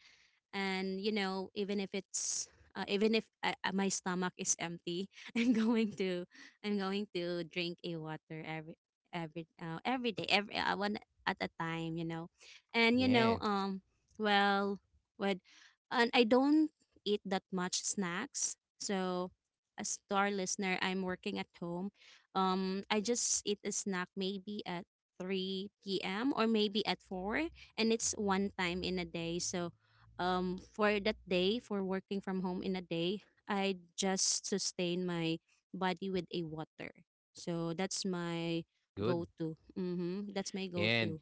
B: and even if it's even if my stomach is empty i'm going to I'm going to drink a water, every day, every one at a time, and you know
A: yeah,
B: um well, with and I don't eat that much snacks. So as to our listener, I'm working at home, I just eat a snack maybe at 3 p.m or maybe at 4, and it's one time in a day. So for that day, for working from home in a day, I just sustain my body with a water. So that's my
A: that's good,
B: go-to. Mm-hmm. That's my
A: yeah.
B: go-to.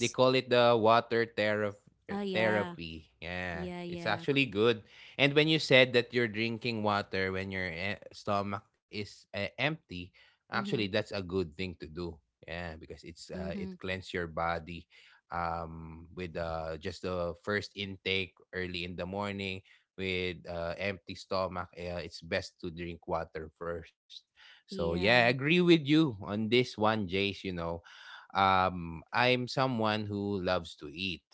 A: They call it the water
B: Oh yeah.
A: therapy. Yeah,
B: Yeah,
A: it's
B: yeah.
A: actually good. And when you said that you're drinking water when your eh, stomach is eh, empty,
B: Mm-hmm.
A: actually that's a good thing to do. Yeah, because it's
B: Mm-hmm.
A: it cleans your body with just the first intake early in the morning, with empty stomach. It's best to drink water first. So yeah, I
B: Yeah.
A: agree with you on this one, Jace. You know, I'm someone who loves to eat.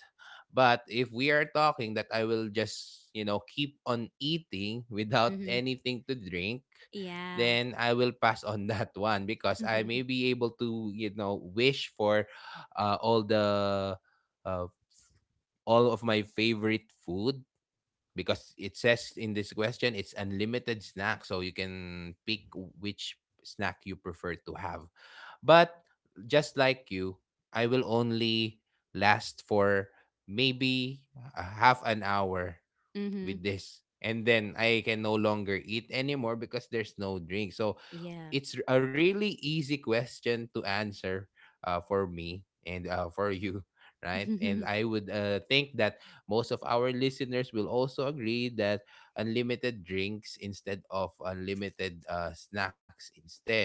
A: But if we are talking that I will just, you know, keep on eating without
B: Mm-hmm.
A: anything to drink,
B: Yeah.
A: then I will pass on that one, because I
B: Mm-hmm.
A: may be able to, you know, wish for uh, all the uh, all of my favorite food, because it says in this question it's unlimited snack, so you can pick which snack you prefer to have. But just like you, I will only last for maybe a half an hour with this, and then I can no longer eat anymore because there's no drink. So
B: Yeah.
A: it's a really easy question to answer, for me and for you, right? And I would think that most of our listeners will also agree that unlimited drinks instead of unlimited snacks instead.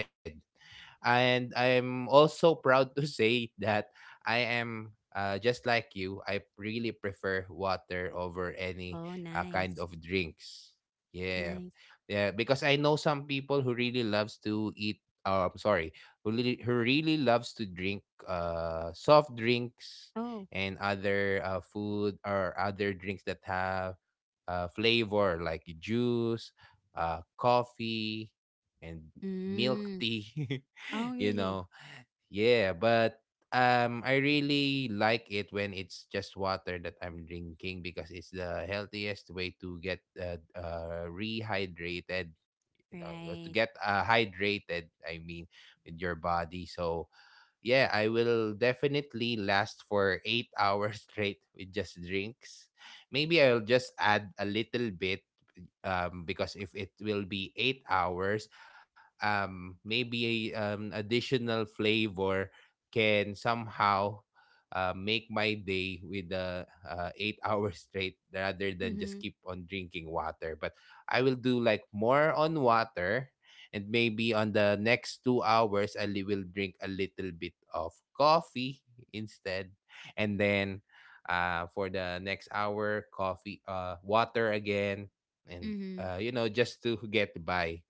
A: And I'm also proud to say that I am, just like you, I really prefer water over any
B: Oh,
A: kind
B: nice.
A: of drinks. Yeah.
B: Nice.
A: Yeah, because I know some people who really loves to eat. I'm sorry, who really loves to drink soft drinks,
B: Oh.
A: and other food or other drinks that have flavor, like juice, coffee, and milk
B: Mm.
A: tea.
B: Oh,
A: You
B: really.
A: know, yeah, but. I really like it when it's just water that I'm drinking, because it's the healthiest way to get rehydrated, you know, to
B: Right.
A: get hydrated, I mean, with your body. So yeah, I will definitely last for eight hours straight with just drinks. Maybe I'll just add a little bit, because if it will be 8 hours, maybe a additional flavor can somehow make my day with the eight hours straight, rather than just
B: Mm-hmm.
A: keep on drinking water. But I will do like more on water, and maybe on the next 2 hours, will drink a little bit of coffee instead, and then for the next hour, coffee, water again, and
B: Mm-hmm.
A: you know, just to get by.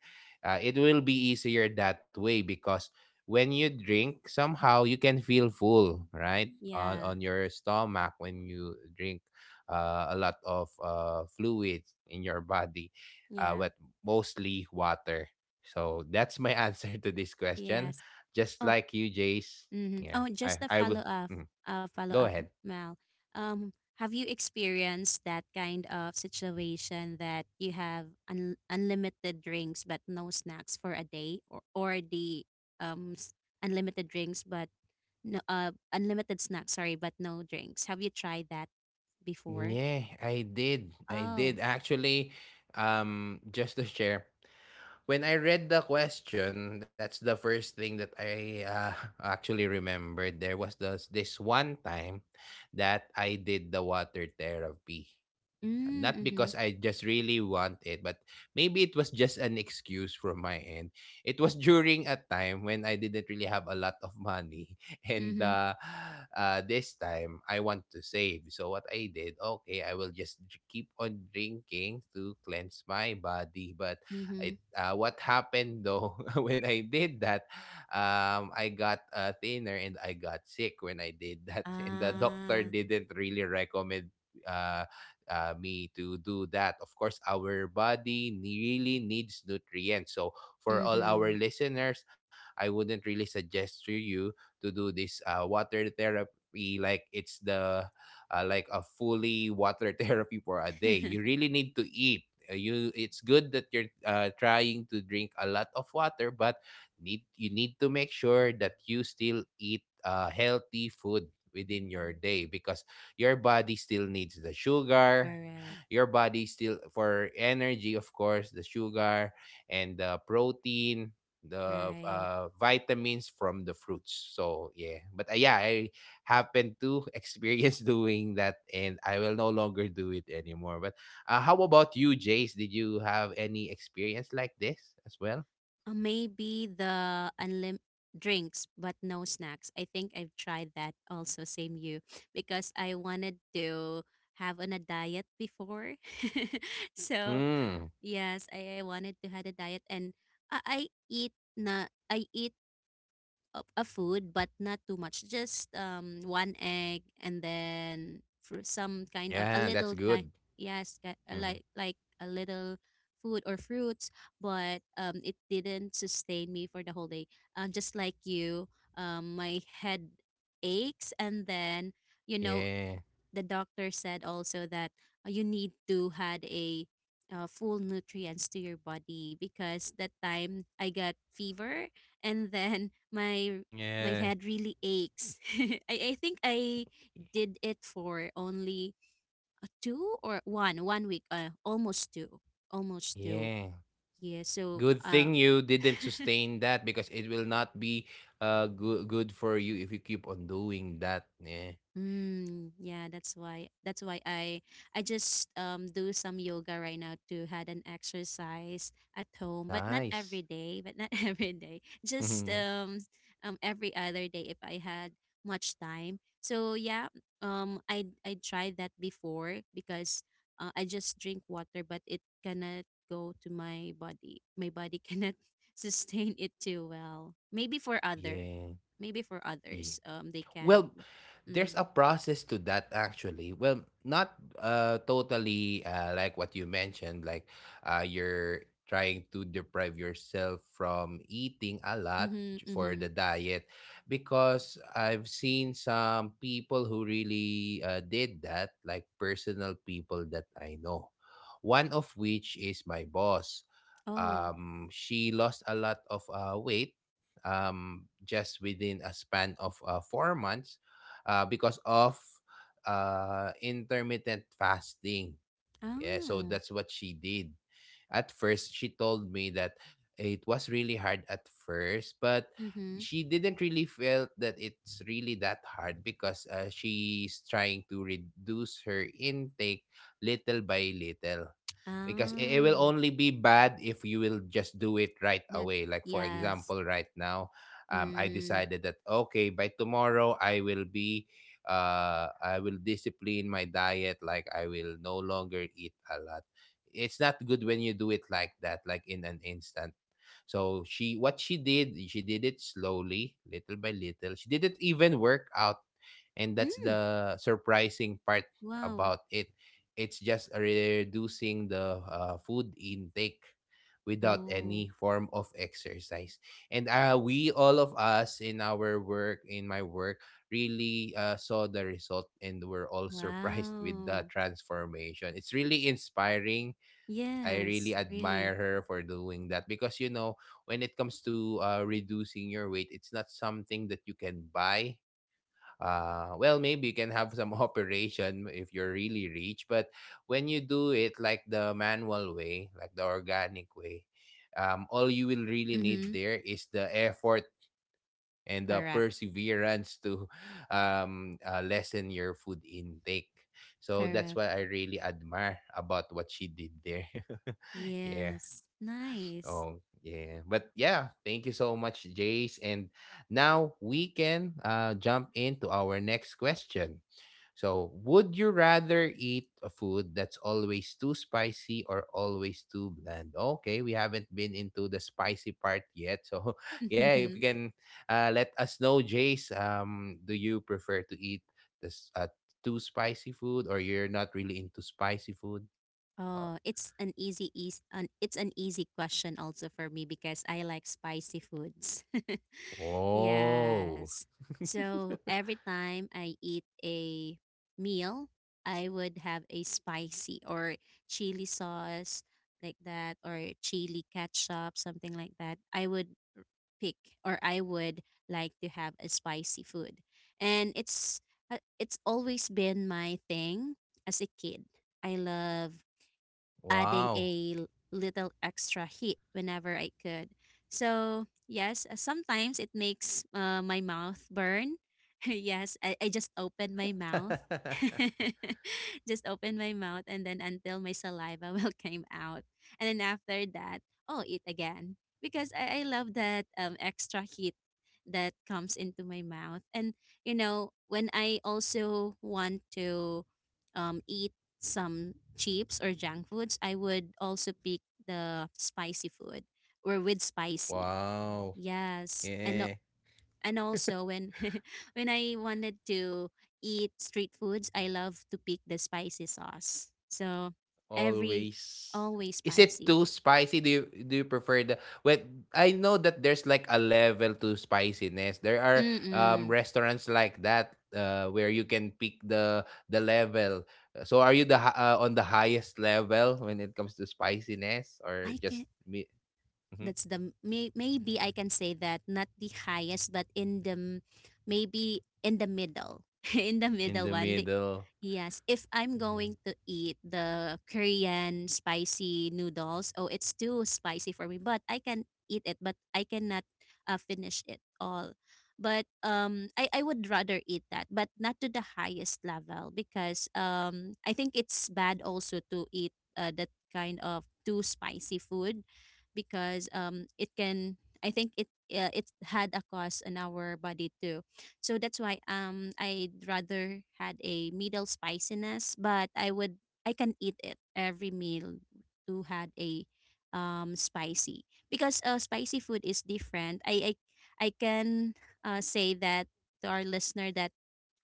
A: It will be easier that way, because when you drink, somehow you can feel full right
B: Yeah,
A: on your stomach, when you drink a lot of fluids in your body.
B: yeah.
A: But mostly water. So that's my answer to this question,
B: Yes.
A: just
B: Oh.
A: like you, Jace.
B: Mhm.
A: yeah
B: Oh,
A: i
B: just a
A: i will
B: follow up,
A: mm,
B: uh, follow
A: Go
B: up,
A: ahead.
B: Mal. Um, have you experienced that kind of situation that you have unlimited drinks but no snacks for a day, or the um s- unlimited drinks, but no unlimited snacks, sorry, but no drinks? Have you tried that before?
A: Yeah, I
B: Oh.
A: did, actually. Just to share, when I read the question, that's the first thing that I actually remembered. There was this one time that I did the water therapy. Not
B: Mm-hmm.
A: because I just really want it, but maybe it was just an excuse from my end. It was during a time when I didn't really have a lot of money. And
B: Mm-hmm.
A: this time, I want to save. So, what I did, okay, I will just keep on drinking to cleanse my body. But
B: Mm-hmm.
A: what happened though, when I did that, I got thinner and I got sick when I did that. And the doctor
B: Ah.
A: didn't really recommend. Uh, Me to do that. Of course, our body really needs nutrients. So, for all
B: Mm-hmm.
A: our listeners, I wouldn't really suggest to you to do this water therapy, like it's the like a fully water therapy for a day. You really need to eat. You, it's good that you're trying to drink a lot of water, but need you need to make sure that you still eat healthy food within your day, because your body still needs the sugar,
B: Correct.
A: your body still, for energy, of course, the sugar and the protein, the
B: Right.
A: vitamins from the fruits. So yeah, but yeah, I happened to experience doing that, and I will no longer do it anymore. But how about you, Jace? Did you have any experience like this as well?
B: Maybe the unlim drinks but no snacks. I think I've tried that also, same you, because I wanted to have on a diet before. So
A: Hmm.
B: yes, I wanted to have a diet, and I, I I eat of a food, but not too much, just one egg, and then for some kind of a
A: Yeah, that's
B: little kind.
A: good.
B: Yes, ki- uh,
A: Mhm.
B: like like a little food or fruits, but it didn't sustain me for the whole day, just like you. My head aches, and then you know
A: Yeah.
B: the doctor said also that you need to had a full nutrients to your body, because that time I got fever, and then my
A: Yeah.
B: head really aches. I think I did it for only two or one week, almost two.
A: Yeah.
B: Yeah, so
A: Good thing you didn't sustain that, because it will not be good for you if you keep on doing that. Yeah.
B: mm, yeah, that's why. That's why I just do some yoga right now to had an exercise at home, but not
A: Nice.
B: every day, but not every day. Just
A: Mhm.
B: every other day if I had much time. So yeah, I tried that before because I just drink water, but it cannot go to my body. My body cannot sustain it too well.
A: Yeah.
B: Maybe for
A: Yeah.
B: others, they can.
A: Well,
B: But
A: there's
B: mm-hmm.
A: a process to that actually. Well, not totally like what you mentioned, like you're trying to deprive yourself from eating a lot
B: Mhm,
A: for the
B: mhm.
A: diet, because I've seen some people who really did that, like personal people that I know. One of which is my boss.
B: Oh.
A: She lost a lot of weight, just within a span of 4 months, because of intermittent fasting. Yeah, so
B: Ah.
A: that's what she did. At first, she told me that it was really hard at first, but
B: Mhm.
A: she didn't really felt that it's really that hard, because she's trying to reduce her intake little by little. Because it will
B: Ah.
A: only be bad if you will just do it right
B: That's
A: away. Like, for
B: yes.
A: example, right now, I
B: Mm.
A: decided that, okay, by tomorrow, I will be, I will discipline my diet. Like I will no longer eat a lot. It's not good when you do it like that, like in an instant. So she, what she did it slowly, little by little. She didn't even work out. And that's
B: Mm.
A: the surprising part
B: Wow.
A: about it. It's just reducing the food intake without
B: Oh.
A: any form of exercise. And we, all of us in our work, in my work, really saw the result, and were all surprised with
B: Wow.
A: the transformation. It's really inspiring. I
B: Yes,
A: really
B: really.
A: admire her for doing that because you know when it comes to reducing your weight, it's not something that you can buy. Well, maybe you can have some operation if you're really rich, but when you do it like the manual way, like the organic way, all you will really need
B: Mhm.
A: there is the effort and the
B: Correct.
A: perseverance to lessen your food intake. So that's
B: Correct.
A: what I really admire about what she did there. Yeah.
B: Yes. Nice.
A: Oh, yeah. But yeah, thank you so much, Jace. And now we can jump into our next question. So, would you rather eat a food that's always too spicy or always too bland? Okay, we haven't been into the spicy part yet. So, yeah, if you can let us know, Jace, do you prefer to eat this too spicy food or you're not really into spicy food? Uh,
B: Oh, it's an easy question also for me because I like spicy foods.
A: oh.
B: Yes. So every time I eat a meal, I would have a spicy or chili sauce like that or chili ketchup, something like that. I would pick, or I would like to have a spicy food. And it's always been my thing as a kid. I love adding
A: Wow.
B: a little extra heat whenever I could. So yes, sometimes it makes my mouth burn. Yes, I just open my mouth. Just open my mouth, and then until my saliva will came out. And then after that, oh, eat again. Because I love that extra heat that comes into my mouth. And when I also want to eat some chips or junk foods, I would also pick the spicy food or with spicy.
A: Wow.
B: Yes. And
A: Yeah.
B: and also when when I wanted to eat street foods, I love to pick the spicy sauce. So every,
A: Always.
B: always
A: Is it
B: spicy.
A: too spicy? Do you prefer the well, I know that there's like a level to spiciness. There are
B: Mm-mm.
A: restaurants like that where you can pick the level. So are you the on the highest level when it comes to spiciness or
B: I
A: just
B: can,
A: me
B: that's the maybe I can say that not the highest, but in the maybe in the middle, in the
A: in
B: middle
A: the
B: one.
A: middle?
B: Yes, if I'm going to eat the Korean spicy noodles, oh, it's too spicy for me, but I can eat it, but I cannot finish it all. But I would rather eat that, but not to the highest level, because I think it's bad also to eat that kind of too spicy food, because it can, I think it had a cost on our body too. So that's why I'd rather had a middle spiciness, but I would, I can eat it every meal, to had a spicy, because spicy food is different. I can say that to our listener that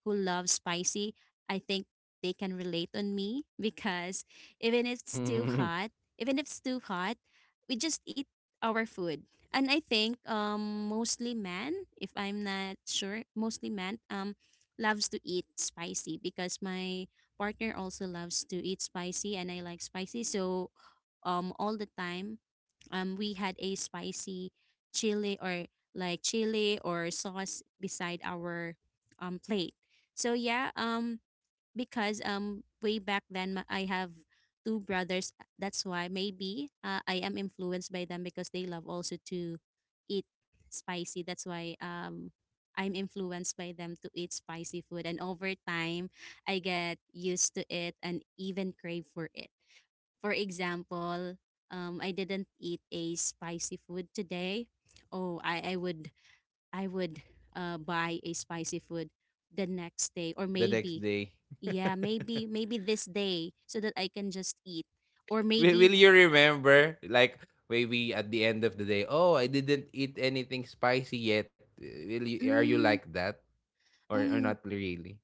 B: who love spicy, I think they can relate on me because even if it's too
A: Mhm.
B: hot, even if it's too hot, we just eat our food. And I think mostly men, if I'm not sure, mostly men loves to eat spicy, because my partner also loves to eat spicy and I like spicy. So all the time we had a spicy chili or like chili or sauce beside our plate. So yeah, because way back then I have two brothers, that's why maybe I am influenced by them, because they love also to eat spicy. That's why I'm influenced by them to eat spicy food, and over time I get used to it and even crave for it. For example, I didn't eat a spicy food today. Oh, I would buy a spicy food the next day or
A: The next
B: maybe
A: day.
B: yeah, maybe this day so that I can just eat, or
A: Will,
B: maybe
A: will you remember? Like maybe at the end of the day, oh, I didn't eat anything spicy yet. Will you, are you like
B: mm,
A: that or
B: um
A: not really?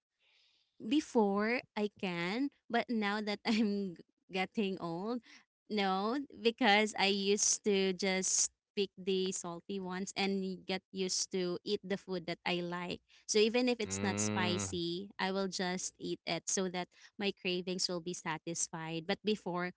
B: before I can, but now that I'm getting old, no, because I used to just pick the salty ones and get used to eat the food that I like. So even if it's not
A: Mm.
B: spicy, I will just eat it so that my cravings will be satisfied. But before,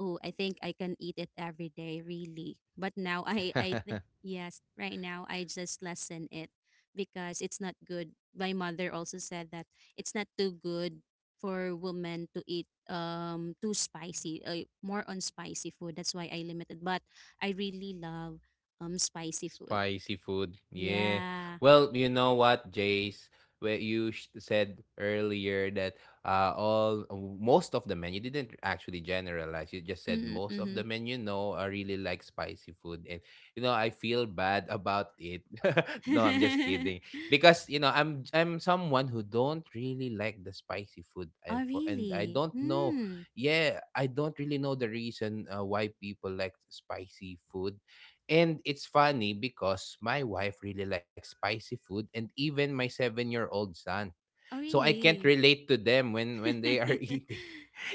B: oh, I think I can eat it every day, really. But now I think, yes, right now I just lessen it because it's not good. My mother also said that it's not too good for women to eat too spicy, more on spicy food. That's why I limited. But I really love spicy food.
A: Spicy food. Yeah.
B: Yeah.
A: Well, you know what, Jace? Where you said earlier that all most of the men, you didn't actually generalize. You just said most of the
B: Mm-hmm.
A: men you know are really like spicy food, and you know I feel bad about it. No, I'm just kidding because you know I'm someone who don't really like the spicy food, and
B: Oh,
A: for and I
B: really?
A: don't know.
B: Mm.
A: Yeah, I don't really know the reason why people like spicy food. And it's funny because my wife really likes spicy food and even my seven-year-old son.
B: Oh,
A: So I can't
B: really?
A: relate to them when they are eating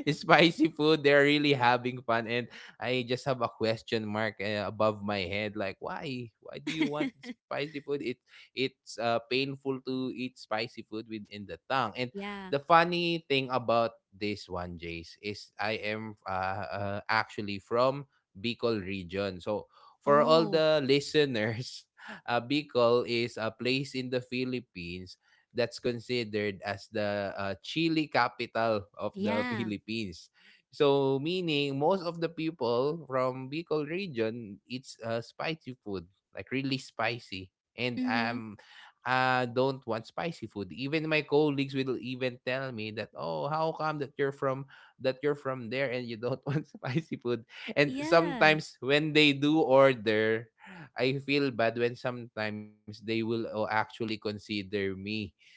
A: spicy food. They're really having fun, and I just have a question mark above my head, like why? Why do you want spicy food? It's painful to eat spicy food within the tongue. And
B: Yeah.
A: the funny thing about this one, Jace, is I am actually from Bicol region. So for all
B: Oh,
A: the listeners, Bicol is a place in the Philippines that's considered as the chili capital of the
B: yeah.
A: Philippines. So meaning most of the people from Bicol region eats spicy food, like really spicy. And
B: Mhm.
A: don't want spicy food. Even my colleagues will even tell me that, "Oh, how come that you're from there and you don't want spicy food?" And
B: Yeah.
A: sometimes when they do order, I feel bad when sometimes they will oh, actually consider me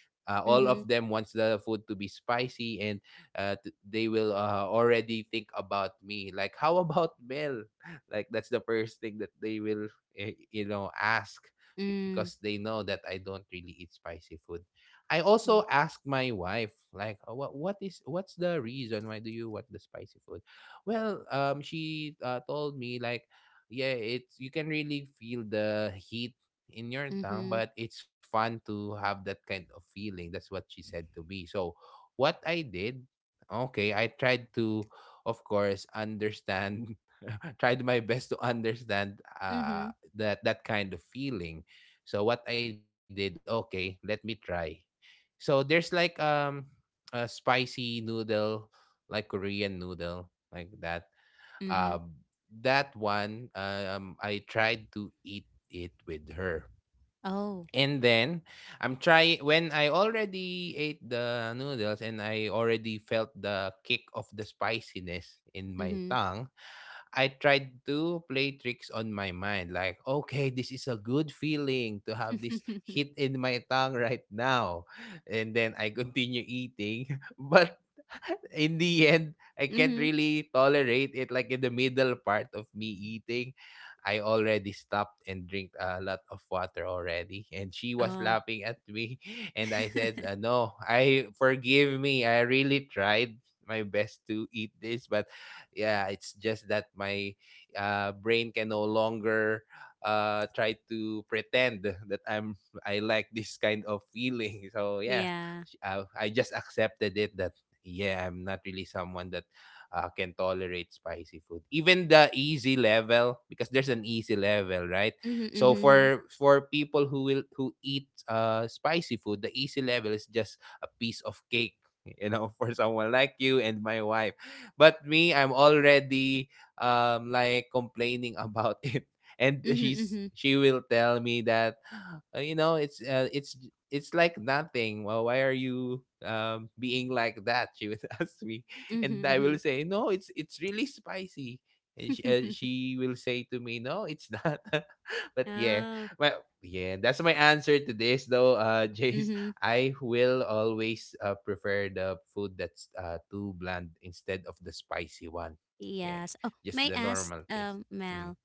A: all of
B: Mhm.
A: them wants the food to be spicy and they will already think about me like how about mel like that's the first thing that they will you know ask because
B: Mm.
A: they know that I don't really eat spicy food. I also
B: Mm.
A: asked my wife like "Oh, what's the reason why do you want the spicy food?" Well she told me like yeah it's you can really feel the heat in your tongue,
B: Mhm.
A: but it's fun to have that kind of feeling. That's what she said to me. So, what I did, okay, I tried to, of course, understand, tried my best to understand
B: Mhm.
A: that kind of feeling. So, what I did, okay, let me try. So, there's like a spicy noodle, like Korean noodle, like that.
B: Mhm.
A: Um, that one, I tried to eat it with her.
B: Oh.
A: And then I'm trying when I already ate the noodles and I already felt the kick of the spiciness in my
B: Mhm.
A: tongue, I tried to play tricks on my mind, like, okay, this is a good feeling to have this
B: Mhm.
A: hit in my tongue right now. And then I continue eating. But in the end, I can't really tolerate it. Like in the middle part of me eating, I already stopped and drink a lot of water already. And she was
B: Oh.
A: laughing at me. And I said, no, I forgive me. I really tried my best to eat this, but yeah, it's just that my brain can no longer try to pretend that I like this kind of feeling. So yeah,
B: Yeah.
A: I just accepted it that yeah, I'm not really someone that can tolerate spicy food. Even the easy level because there's an easy level, right?
B: Mhm.
A: So
B: Mhm.
A: for people who will who eat spicy food, the easy level is just a piece of cake, you know, for someone like you and my wife. But me, I'm already like complaining about it. And
B: Mhm.
A: she will tell me that You know it's like nothing. Well, why are you being like that? She would ask me, and
B: Mhm.
A: I will
B: Mhm.
A: say no. It's really spicy. And
B: Mhm.
A: she will say to me, "No, it's not." But yeah,
B: Oh.
A: well, yeah, that's my answer to this, though, Jace.
B: Mhm.
A: I will always prefer the food that's too bland instead of the spicy one. Yeah,
B: Yes. Oh, may
A: just the
B: I ask,
A: normal taste.
B: Mal,
A: Mhm.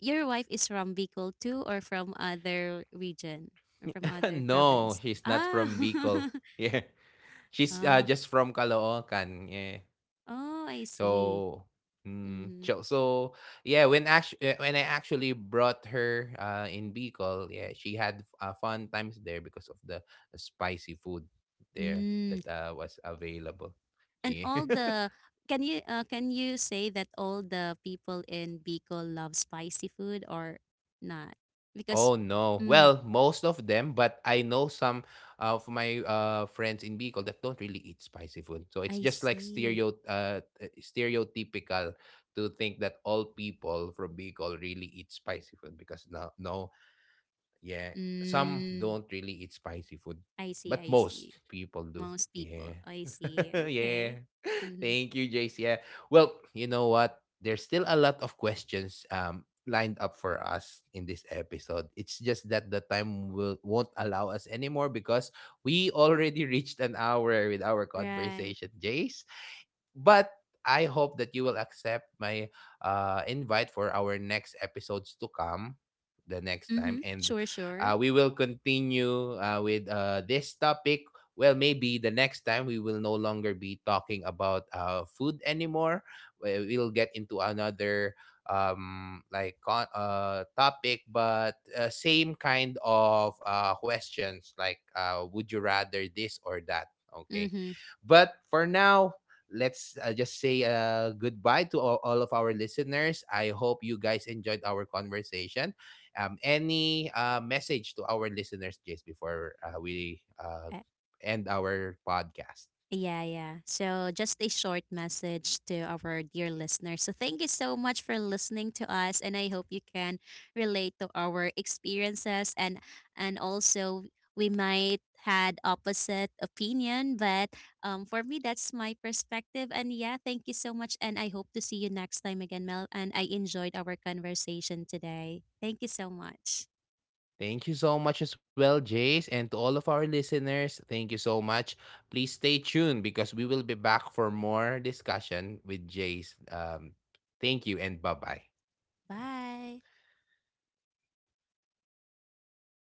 B: your wife is from Bicol too, or from other region, or from other
A: No,
B: province?
A: she's not from Bicol.
B: Ah.
A: Yeah, she's
B: Oh.
A: just from Caloocan. Yeah,
B: Oh, I see.
A: so. Mm,
B: Mhm.
A: so yeah, when when I actually brought her in Bicol, yeah, she had fun times there because of the spicy food there
B: Mm.
A: that was available.
B: And
A: Yeah.
B: all the Can you say that all the people in Bicol love spicy food or not? Because
A: Oh no.
B: mm,
A: Well, most of them, but I know some of my friends in Bicol that don't really eat spicy food. So
B: I
A: it's just like
B: see.
A: stereotypical to think that all people from Bicol really eat spicy food because no, yeah, some
B: Mm,
A: don't really eat spicy food,
B: I see,
A: but
B: I see.
A: most people do.
B: Most people,
A: Yeah,
B: I see. Okay.
A: yeah.
B: Mm-hmm.
A: Thank you, Jace. Yeah. Well, you know what? There's still a lot of questions lined up for us in this episode. It's just that the time will won't allow us anymore because we already reached an hour with our
B: Right.
A: conversation, Jace. But I hope that you will accept my invite for our next episodes to come the next
B: Mm-hmm.
A: time. And
B: Sure, sure.
A: we will continue with this topic. Well, maybe the next time we will no longer be talking about food anymore. We'll get into another like topic but same kind of questions like would you rather this or that okay
B: Mm-hmm.
A: but for now let's just say goodbye to all of our listeners. I hope you guys enjoyed our conversation. Any message to our listeners just before we end our podcast?
B: Yeah, yeah. So, just a short message to our dear listeners. So, thank you so much for
A: Yeah.
B: listening to us, and I hope you can relate to our experiences, and also we might had opposite opinion, but for me that's my perspective. And yeah, thank you so much, and I hope to see you next time again, Mel. And I enjoyed our conversation today. Thank you so much.
A: Thank you so much as well, Jace. And to all of our listeners, thank you so much. Please stay tuned because we will be back for more discussion with Jace. Thank you and bye bye.
B: Bye.